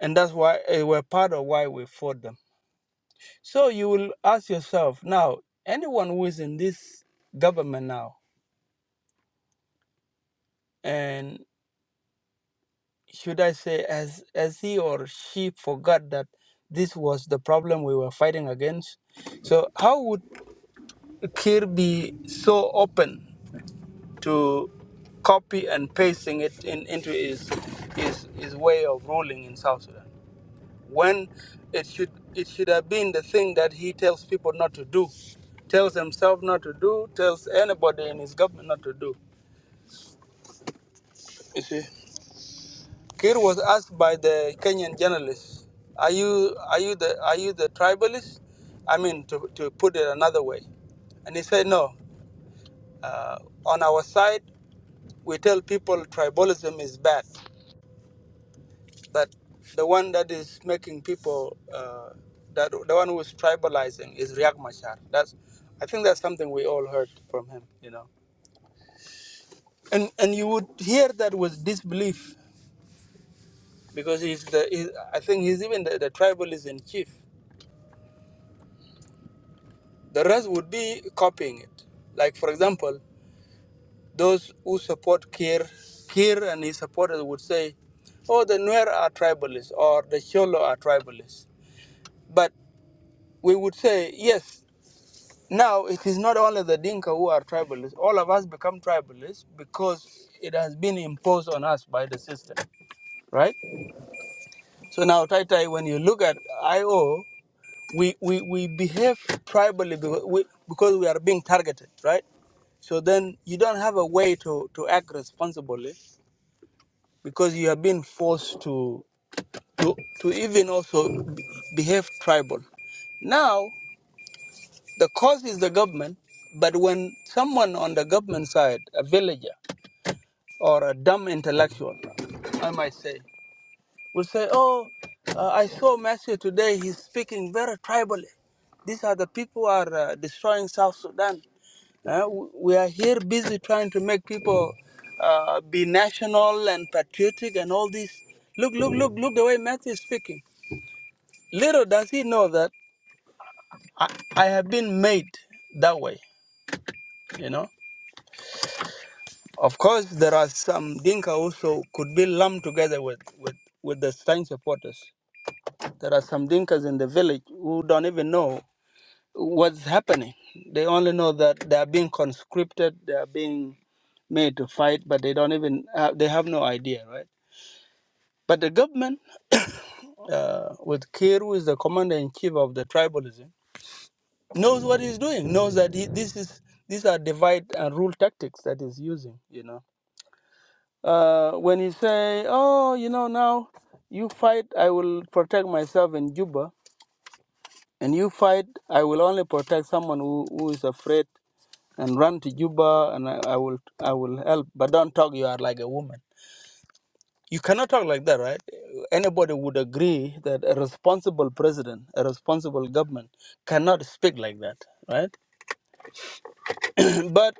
[SPEAKER 4] And that's why they were part of why we fought them. So you will ask yourself now, anyone who is in this government now and. should I say, as as he or she forgot that this was the problem we were fighting against. So how would Kir be so open to copy and pasting it in, into his, his his way of ruling in South Sudan when it should it should have been the thing that he tells people not to do, tells himself not to do, tells anybody in his government not to do. You see. Kir was asked by the Kenyan journalist, "Are you are you the are you the tribalist? I mean, to, to put it another way." And he said, "No. Uh, on our side, we tell people tribalism is bad. That the one that is making people uh, that the one who is tribalizing is Riek Machar. That's I think that's something we all heard from him, you know. And and you would hear that with disbelief because he's the he, I think he's even the, the tribalist in chief." The rest would be copying it. Like, for example, those who support Kir, Kir and his supporters would say, oh, the Nuer are tribalists or the Sholo are tribalists. But we would say, yes, now it is not only the Dinka who are tribalists. All of us become tribalists because it has been imposed on us by the system, right? So now, Tai Tai, when you look at IO, we we, we behave tribally because we, because we are being targeted right so then you don't have a way to, to act responsibly because you have been forced to to, to even also be- behave tribal now the cause is the government but when someone on the government side a villager or a dumb intellectual i might say will say, "Oh, uh, I saw Matthew today. He's speaking very tribally. These are the people who are uh, destroying South Sudan. Uh, w- we are here busy trying to make people uh, be national and patriotic and all this. Look, look, look, look the way Matthew is speaking. Little does he know that I, I have been made that way. You know. Of course, there are some Dinka also could be lumped together with with with the Stein supporters. There are some Dinkas in the village who don't even know what's happening. They only know that they are being conscripted, they are being made to fight, but they don't even have, they have no idea, right? But the government, uh, with Kir, who is the commander in chief of the tribalism, knows what he's doing. Knows that he, this is these are divide and rule tactics that he's using. You know, uh, when he say, "Oh, you know, now you fight, I will protect myself in Juba," And you fight, I will only protect someone who, who is afraid and run to Juba and I, I will I will help. But don't talk you are like a woman. You cannot talk like that, right? Anybody would agree that a responsible president, a responsible government cannot speak like that, right? [CLEARS THROAT] but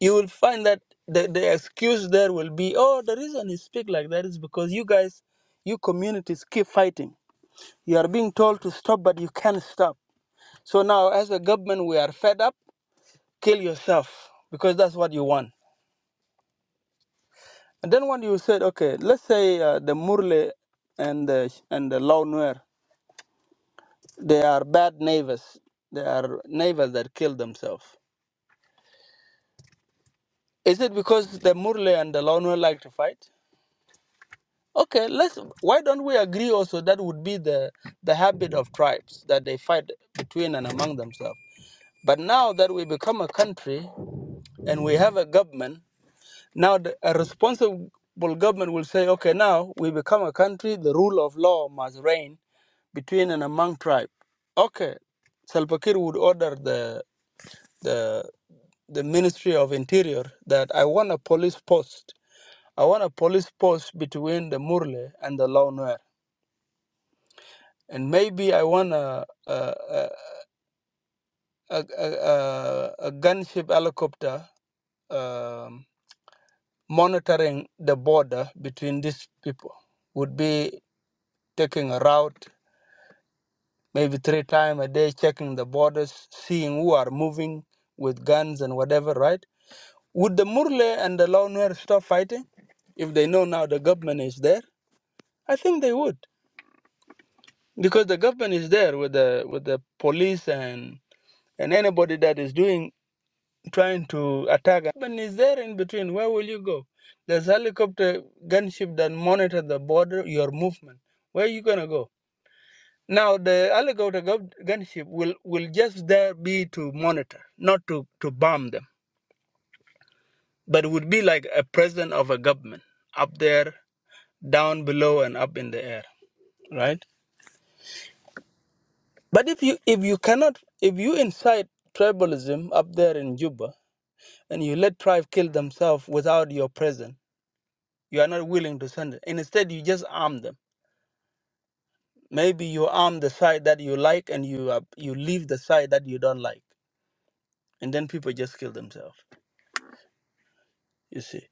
[SPEAKER 4] you will find that the, the excuse there will be, oh, the reason you speak like that is because you guys, you communities keep fighting. You are being told to stop, but you can't stop. So now, as a government, we are fed up kill yourself because that's what you want. And then when you said, okay, let's say uh, the Murle and the and the Lao Nuer, they are bad neighbors. They are neighbors that kill themselves. Is it because the Murle and the Lao Nuer like to fight? Okay, let's. Why don't we agree also that would be the the habit of tribes that they fight between and among themselves. But now that we become a country and we have a government Now, the, a responsible government will say, okay, now we become a country, the rule of law must reign between and among tribe. Okay, Salva Kiir would order the, the, the Ministry of Interior that I want a police post. I want a police post between the Murle and the Lao Nuer. And maybe I want a, a, a, a, a, a a gunship helicopter um, monitoring the border between these people would be taking a route maybe three times a day checking the borders seeing who are moving with guns and whatever right would the murle and the lawner stop fighting if they know now the government is there i think they would because the government is there with the with the police and and anybody that is doing trying to attack. But is there in between? Where will you go? There's helicopter gunship that monitor the border, your movement. Where are you gonna go? Now the helicopter gu- gunship will, will just there be to monitor, not to, to bomb them. But it would be like a president of a government up there, down below and up in the air. Right? But if you if you cannot if you incite tribalism up there in Juba and you let tribe kill themselves without your presence you are not willing to send it. Instead, you just arm them. Maybe you arm the side that you like, and you uh, you leave the side that you don't like, and then people just kill themselves. You see,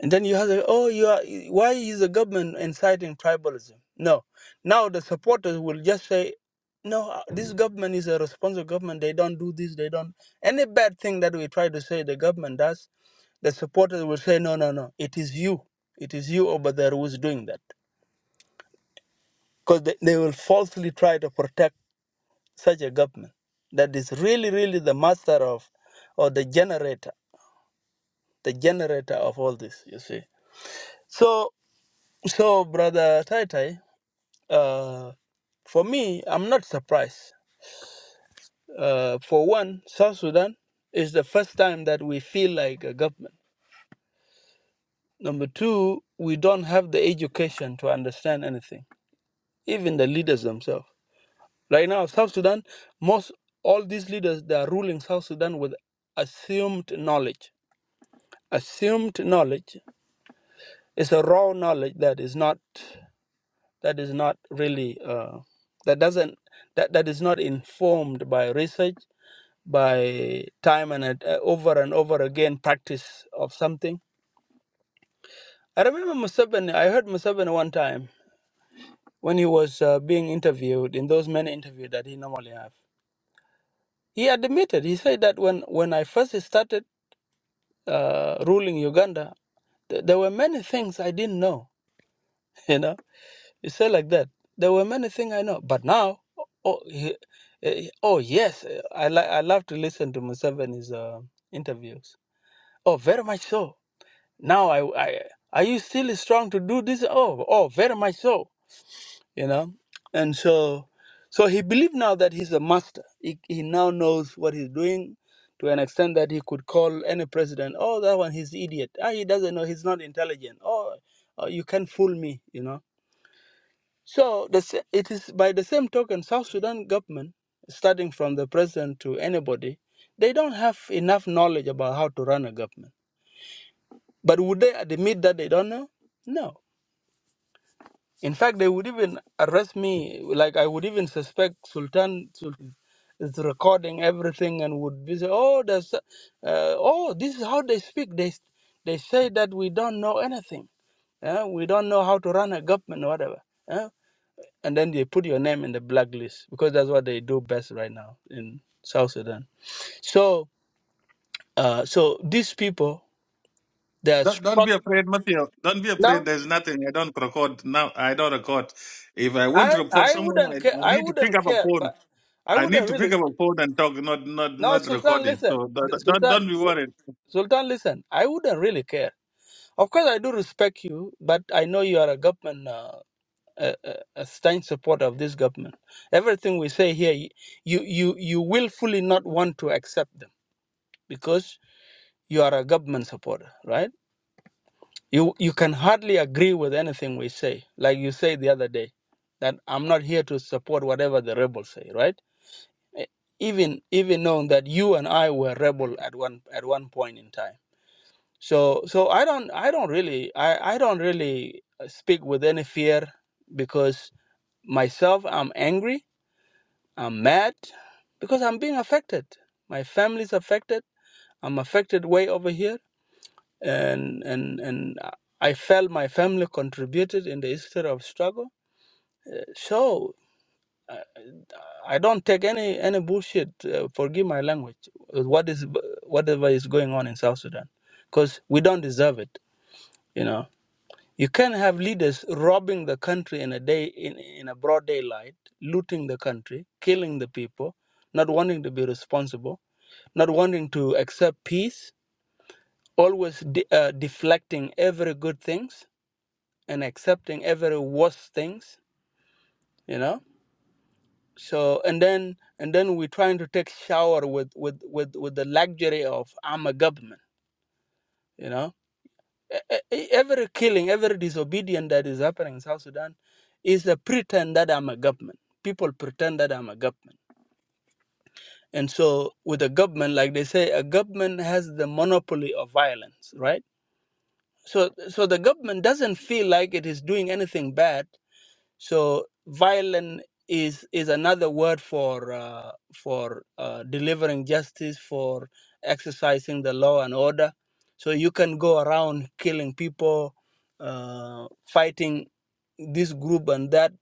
[SPEAKER 4] and then you have the, oh, you are why is the government inciting tribalism? No, now the supporters will just say, no, uh, this government is a responsible government. They don't do this. They don't any bad thing that we try to say the government does. The supporters will say, no, no, no. It is you. It is you over there who's doing that because they, they will falsely try to protect such a government that is really, really the master of, or the generator, the generator of all this. You see. So, so brother Taitai, uh, for me, I'm not surprised. Uh, for one, South Sudan is the first time that we feel like a government. Number two, we don't have the education to understand anything, even the leaders themselves. Right now, South Sudan, most all these leaders that are ruling South Sudan with assumed knowledge. Assumed knowledge is a raw knowledge that is not that is not really uh, that doesn't that, that is not informed by research, by time and uh, over and over again practice of something. I remember Museveni. I heard Museveni one time when he was uh, being interviewed in those many interviews that he normally have. He admitted. He said that when when I first started. uh, ruling Uganda, th- there were many things I didn't know. [LAUGHS] You know, you say like that. There were many things I know, but now, oh, he, eh, oh yes, eh, I li- I love to listen to Museveni's uh, interviews. Oh, very much so. Now I I are you still strong to do this? Oh, oh, very much so you know and so so he believed now that he's a master he, he now knows what he's doing to an extent that he could call any president oh that one he's idiot ah, he doesn't know he's not intelligent oh, oh you can fool me you know so the, sa- it is by the same token south sudan government starting from the president to anybody they don't have enough knowledge about how to run a government but would they admit that they don't know no In fact, they would even arrest me. Like I would even suspect Sultan, Sultan is recording everything and would be say, "Oh, there's, uh, oh, this is how they speak. They, they say that we don't know anything. Uh, we don't know how to run a government or whatever." Uh, and then they put your name in the blacklist because that's what they do best right now in South Sudan. So, uh, so these people, they're
[SPEAKER 2] Don't, don't be
[SPEAKER 4] struck.
[SPEAKER 2] afraid, Matthew. Don't be afraid.
[SPEAKER 4] No,
[SPEAKER 2] There's nothing. I don't record now. I don't record. If I want
[SPEAKER 4] I,
[SPEAKER 2] to report
[SPEAKER 4] I
[SPEAKER 2] someone, I,
[SPEAKER 4] wouldn't care.
[SPEAKER 2] I
[SPEAKER 4] I
[SPEAKER 2] need to pick
[SPEAKER 4] wouldn't
[SPEAKER 2] up a
[SPEAKER 4] care,
[SPEAKER 2] phone.
[SPEAKER 4] but I
[SPEAKER 2] I need
[SPEAKER 4] wouldn't
[SPEAKER 2] to pick
[SPEAKER 4] really.
[SPEAKER 2] up a phone and talk, not not
[SPEAKER 4] No,
[SPEAKER 2] not
[SPEAKER 4] Sultan,
[SPEAKER 2] recording.
[SPEAKER 4] listen.
[SPEAKER 2] So don't
[SPEAKER 4] L-
[SPEAKER 2] don't,
[SPEAKER 4] Sultan,
[SPEAKER 2] don't be
[SPEAKER 4] Sul-
[SPEAKER 2] worried.
[SPEAKER 4] Sultan, listen. I wouldn't really care. Of course, I do respect you, but I know you are a government, uh, a, a a staunch supporter of this government. Everything we say here, y- you, you, you willfully not want to accept them because you are a government supporter, right? You, you can hardly agree with anything we say. Like you said the other day, that I'm not here to support whatever the rebels say, right? e- even even knowing that you and I were rebel at one at one point in time. So so I don't I don't really I, I don't really uh, speak with any fear because myself I'm angry, I'm mad because I'm being affected. My family's affected. I'm affected way over here and and and I I felt my family contributed in the history of struggle. Uh, So I I don't take any any bullshit. Uh, forgive my language. uh, What is whatever is going on in South Sudan, because we don't deserve it. You know, you can't have leaders robbing the country in a day in in a broad daylight, looting the country, killing the people, not wanting to be responsible, not wanting to accept peace, always de- uh, deflecting every good things and accepting every worse things. You know so and then and then we're trying to take shower with with with, with the luxury of i'm a government you know E- e- e, every killing every disobedience that is happening in south sudan is a pretend that i'm a government people pretend that i'm a government and so with a government like they say a government has the monopoly of violence right so so the government doesn't feel like it is doing anything bad So violent is is another word for uh, for uh, delivering justice, for exercising the law and order. So you can go around killing people, uh, fighting this group and that.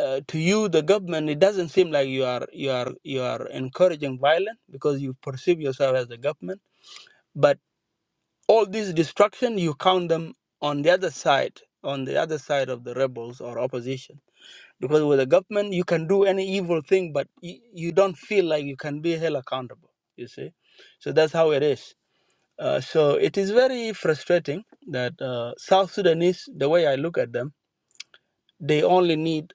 [SPEAKER 4] Uh, to you, the government, it doesn't seem like you are you are you are encouraging violence because you perceive yourself as the government. But all this destruction, you count them on the other side, on the other side of the rebels or opposition because with the government you can do any evil thing but you, you don't feel like you can be held accountable you see so that's how it is uh, so it is very frustrating that uh, south sudanese the way i look at them they only need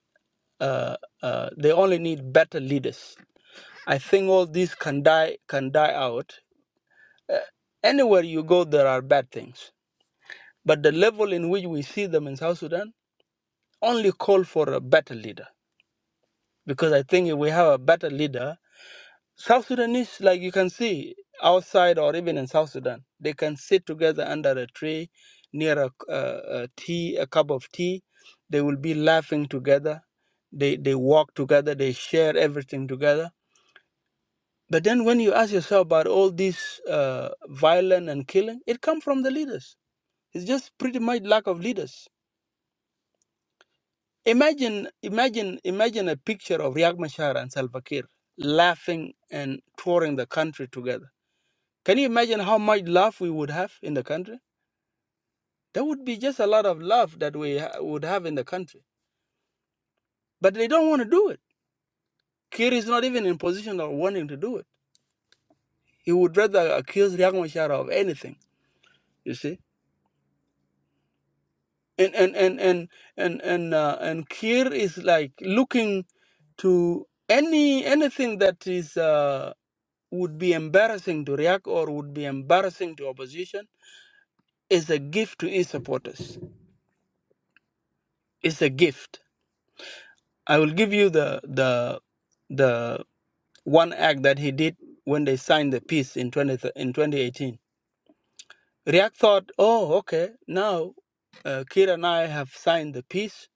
[SPEAKER 4] uh, uh, they only need better leaders i think all these can die can die out uh, anywhere you go there are bad things but the level in which we see them in south sudan only call for a better leader because i think if we have a better leader South Sudanese, like you can see outside or even in South Sudan, they can sit together under a tree near a, c- uh, a tea, a cup of tea. They will be laughing together. They, they walk together. They share everything together. But then when you ask yourself about all this uh, violence and killing, it comes from the leaders. It's just pretty much lack of leaders. Imagine, imagine, imagine a picture of Riek Machar and Salva Kiir laughing and touring the country together Can you imagine how much love we would have in the country? There would be just a lot of love that we ha- would have in the country. But they don't want to do it. Kir is not even in position of wanting to do it. He would rather accuse Riek Machar of anything, you see? And and and and and and, uh, and Kir is like looking to any anything that is uh, would be embarrassing to Riek or would be embarrassing to opposition is a gift to his supporters. It's a gift. I will give you the the the one act that he did when they signed the peace in 20, th- in 2018. React thought, oh, okay, now uh, Kir and I have signed the peace,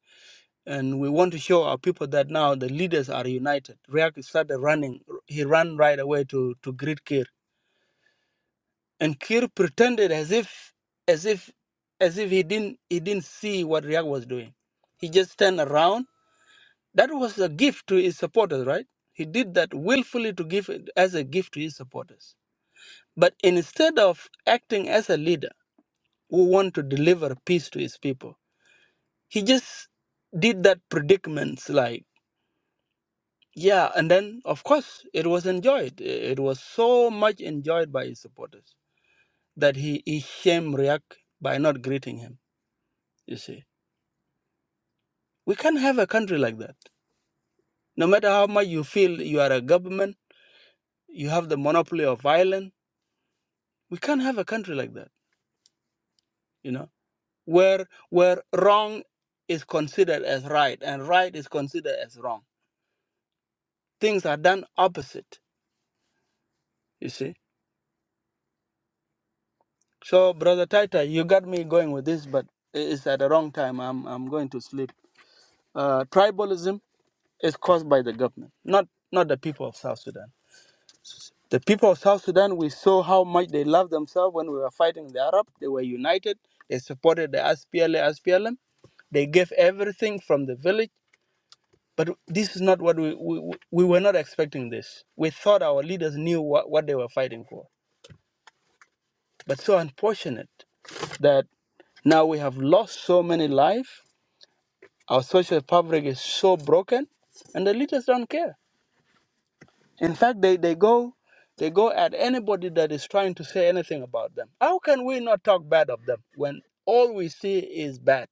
[SPEAKER 4] and we want to show our people that now the leaders are united. React started running. He ran right away to, to greet Kir, and Kir pretended as if as if as if he didn't he didn't see what React was doing. He just turned around. That was a gift to his supporters, right? He did that willfully to give it as a gift to his supporters But instead of acting as a leader who want to deliver peace to his people, he just did that predicaments like, yeah, and then of course it was enjoyed. I- It was so much enjoyed by his supporters that he, he shame react by not greeting him. You see, we can't have a country like that. No matter how much you feel you are a government, you have the monopoly of violence. We can't have a country like that. You know where where wrong is considered as right and right is considered as wrong. Things are done opposite, you see. So, brother Taita, you got me going with this, but i- it's at the wrong time. I'm I'm going to sleep. Uh, tribalism is caused by the government, not not the people of South Sudan. The people of South Sudan, we saw how much they loved themselves when we were fighting the Arab. They were united. They supported the SPLA, SPLM. They gave everything from the village But this is not what we, we, we were not expecting this. We thought our leaders knew what, what they were fighting for. But so unfortunate that now we have lost so many lives, our social fabric is so broken, and the leaders don't care. In fact, they, they go they go at anybody that is trying to say anything about them. How can we not talk bad of them when all we see is bad?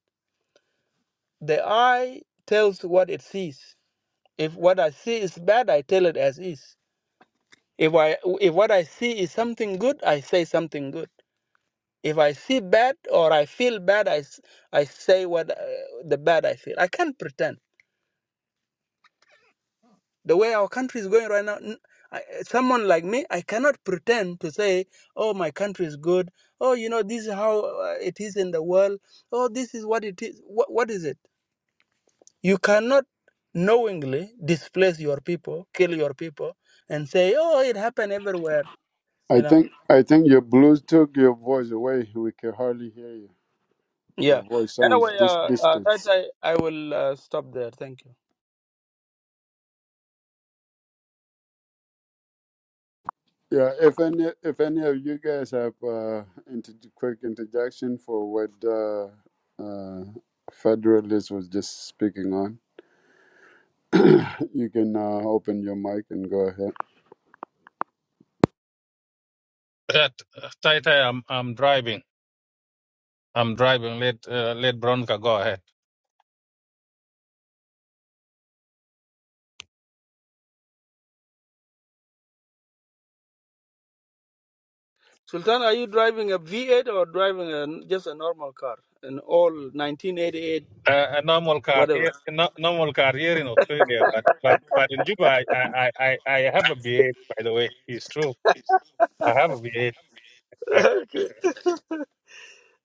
[SPEAKER 4] The eye tells what it sees. If what I see is bad, I tell it as is. If I if what I see is something good, I say something good. If I see bad or I feel bad, I, s- I say what uh, the bad I feel. I can't pretend. The way our country is going right now, n I someone like me, I cannot pretend to say, "Oh, my country is good." Oh, you know, this is how uh, it is in the world. Oh, this is what it is. What, what is it? You cannot knowingly displace your people, kill your people, and say, "Oh, it happened everywhere."
[SPEAKER 1] I
[SPEAKER 4] You know.
[SPEAKER 1] think I think your blues took your voice away. We can hardly hear you.
[SPEAKER 4] Yeah.
[SPEAKER 1] Your voice sounds
[SPEAKER 4] Anyway,
[SPEAKER 1] this
[SPEAKER 4] uh, uh,
[SPEAKER 1] distance."
[SPEAKER 4] Tai Tai, I will uh, stop there. Thank you.
[SPEAKER 1] Yeah, if any if any of you guys have uh, inter- quick interjection for what uh, uh, Federalist was just speaking on, [LAUGHS] you can uh, open your mic and go ahead.
[SPEAKER 2] That tai tai, I'm I'm driving. I'm driving. Let uh, let Bronca go ahead.
[SPEAKER 4] Sultan, are you driving a V8 or driving a, just a normal car? An old 1988,
[SPEAKER 2] Uh, a normal car
[SPEAKER 4] whatever.
[SPEAKER 2] here, a no, normal car here in Australia, but but but in Juba, I I I, I I have a V8. By the way, it's true. I have a V8.
[SPEAKER 4] [LAUGHS] okay.
[SPEAKER 2] [LAUGHS]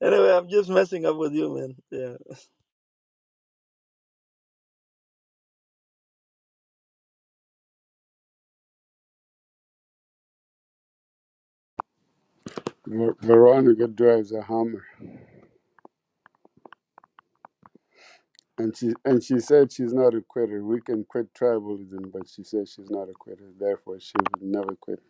[SPEAKER 4] Anyway, I'm just messing up with you, man. Yeah.
[SPEAKER 1] Ver- Veronica drives a Hummer, and she and she said she's not a quitter. We can quit tribalism, but she said she's not a quitter. Therefore, she would never quit.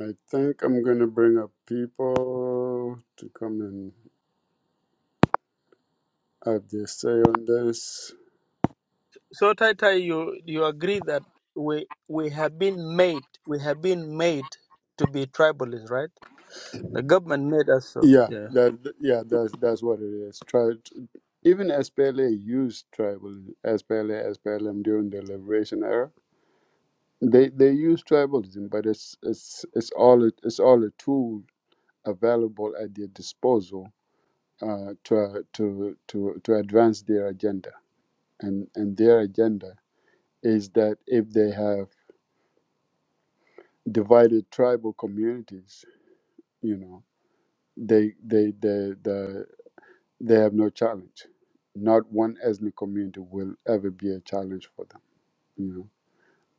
[SPEAKER 1] I think I'm gonna bring up people to come and have their say on this.
[SPEAKER 4] So, Tai Tai, you, you agree that we, we have been made, we have been made to be tribalists, right? The government made us so.
[SPEAKER 1] Yeah,
[SPEAKER 4] Yeah.
[SPEAKER 1] that yeah, that's that's what it is. Try even SPLA used tribal SPLA SPLM during the liberation era. They they use tribalism, but it's it's it's all a, it's all a tool available at their disposal uh, to uh, to to to advance their agenda. And and their agenda is that if they have divided tribal communities, you know, they they the the They have no challenge. Not one ethnic community will ever be a challenge for them. You know,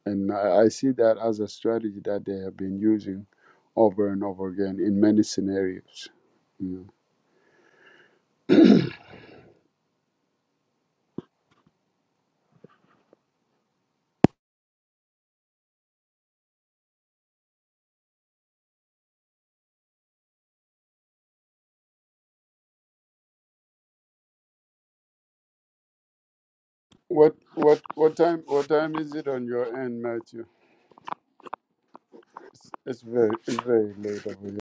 [SPEAKER 1] and I, I see that as a strategy that they have been using over and over again in many scenarios. You know. What what what time what time is it on your end, Matthew? It's, it's very it's very late over here.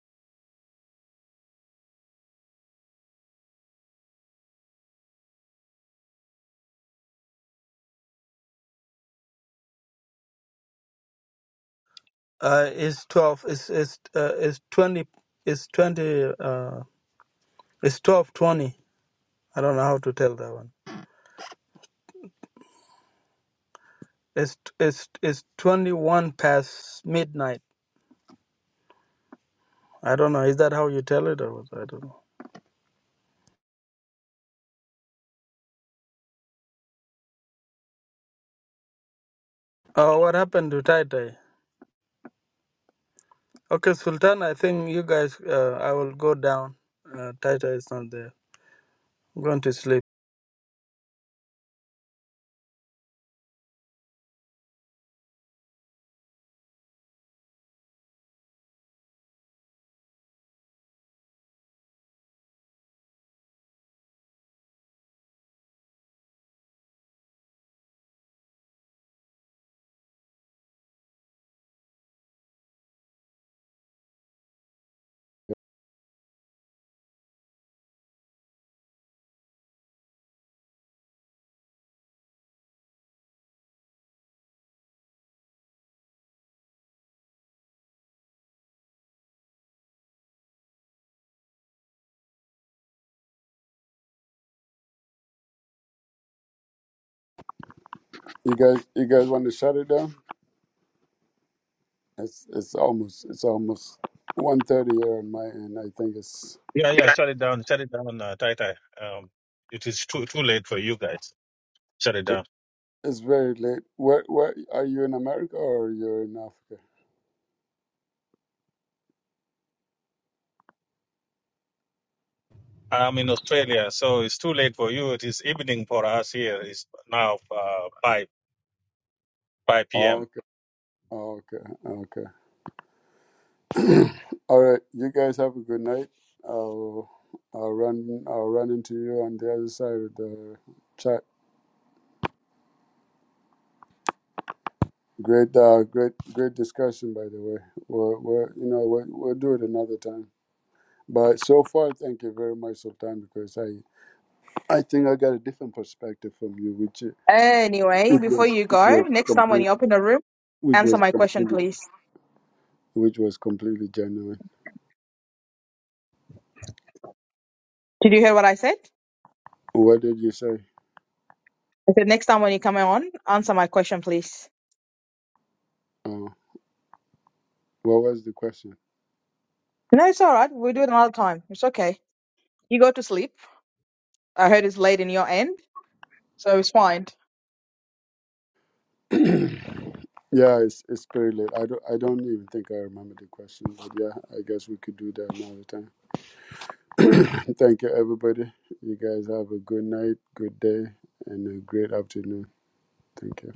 [SPEAKER 4] Uh, it's 12, it's, it's, uh, it's 20, it's 20, uh, it's 12, twenty. I don't know how to tell that one. It's it's it's twenty one past midnight. I don't know. Is that how you tell it or what? I don't know. Oh, what happened to Tai Tai? Okay, Sultan. I think you guys. Uh, I will go down. Uh, tai Tai is not there. I'm going to sleep.
[SPEAKER 1] You guys you guys want to shut it down? It's it's almost it's almost one thirty here on my end. I think it's
[SPEAKER 2] yeah, yeah. Shut it down. Shut it down, uh, tai tai. Um, it is too too late for you guys. Shut it down.
[SPEAKER 1] it's very late. Where where are you in America or you're in Africa?
[SPEAKER 2] I'm in Australia, so it's too late for you. It is evening for us here. It's now uh, five five p.m.
[SPEAKER 1] Okay, okay, okay. [CLEARS THROAT] All right, you guys have a good night. I'll I'll run I'll run into you on the other side of the chat. Great, uh, great, great discussion. By the way, we're, we're you know we'll, we'll do it another time. But so far, thank you very much, Sultan, because I I think I got a different perspective from you, which it
[SPEAKER 3] Anyway, before
[SPEAKER 1] was
[SPEAKER 3] you
[SPEAKER 1] which
[SPEAKER 3] go,
[SPEAKER 1] was
[SPEAKER 3] next time when
[SPEAKER 1] complete,
[SPEAKER 3] you open a room,
[SPEAKER 1] which
[SPEAKER 3] answer
[SPEAKER 1] was
[SPEAKER 3] my question,
[SPEAKER 1] completely
[SPEAKER 3] please.
[SPEAKER 1] which was completely genuine.
[SPEAKER 3] Did you hear what I said?
[SPEAKER 1] What did you say?
[SPEAKER 3] I said next time when you come on, answer my question, please.
[SPEAKER 1] Uh, what was the question?
[SPEAKER 3] No, it's all right. We'll do it another time. It's okay. You go to sleep. I heard it's late in your end, so it's fine.
[SPEAKER 1] [CLEARS THROAT] Yeah, it's it's pretty late. I don't I don't even think I remember the question, but yeah, I guess we could do that another time. [CLEARS THROAT] Thank you, everybody. You guys have a good night, good day, and a great afternoon. Thank you.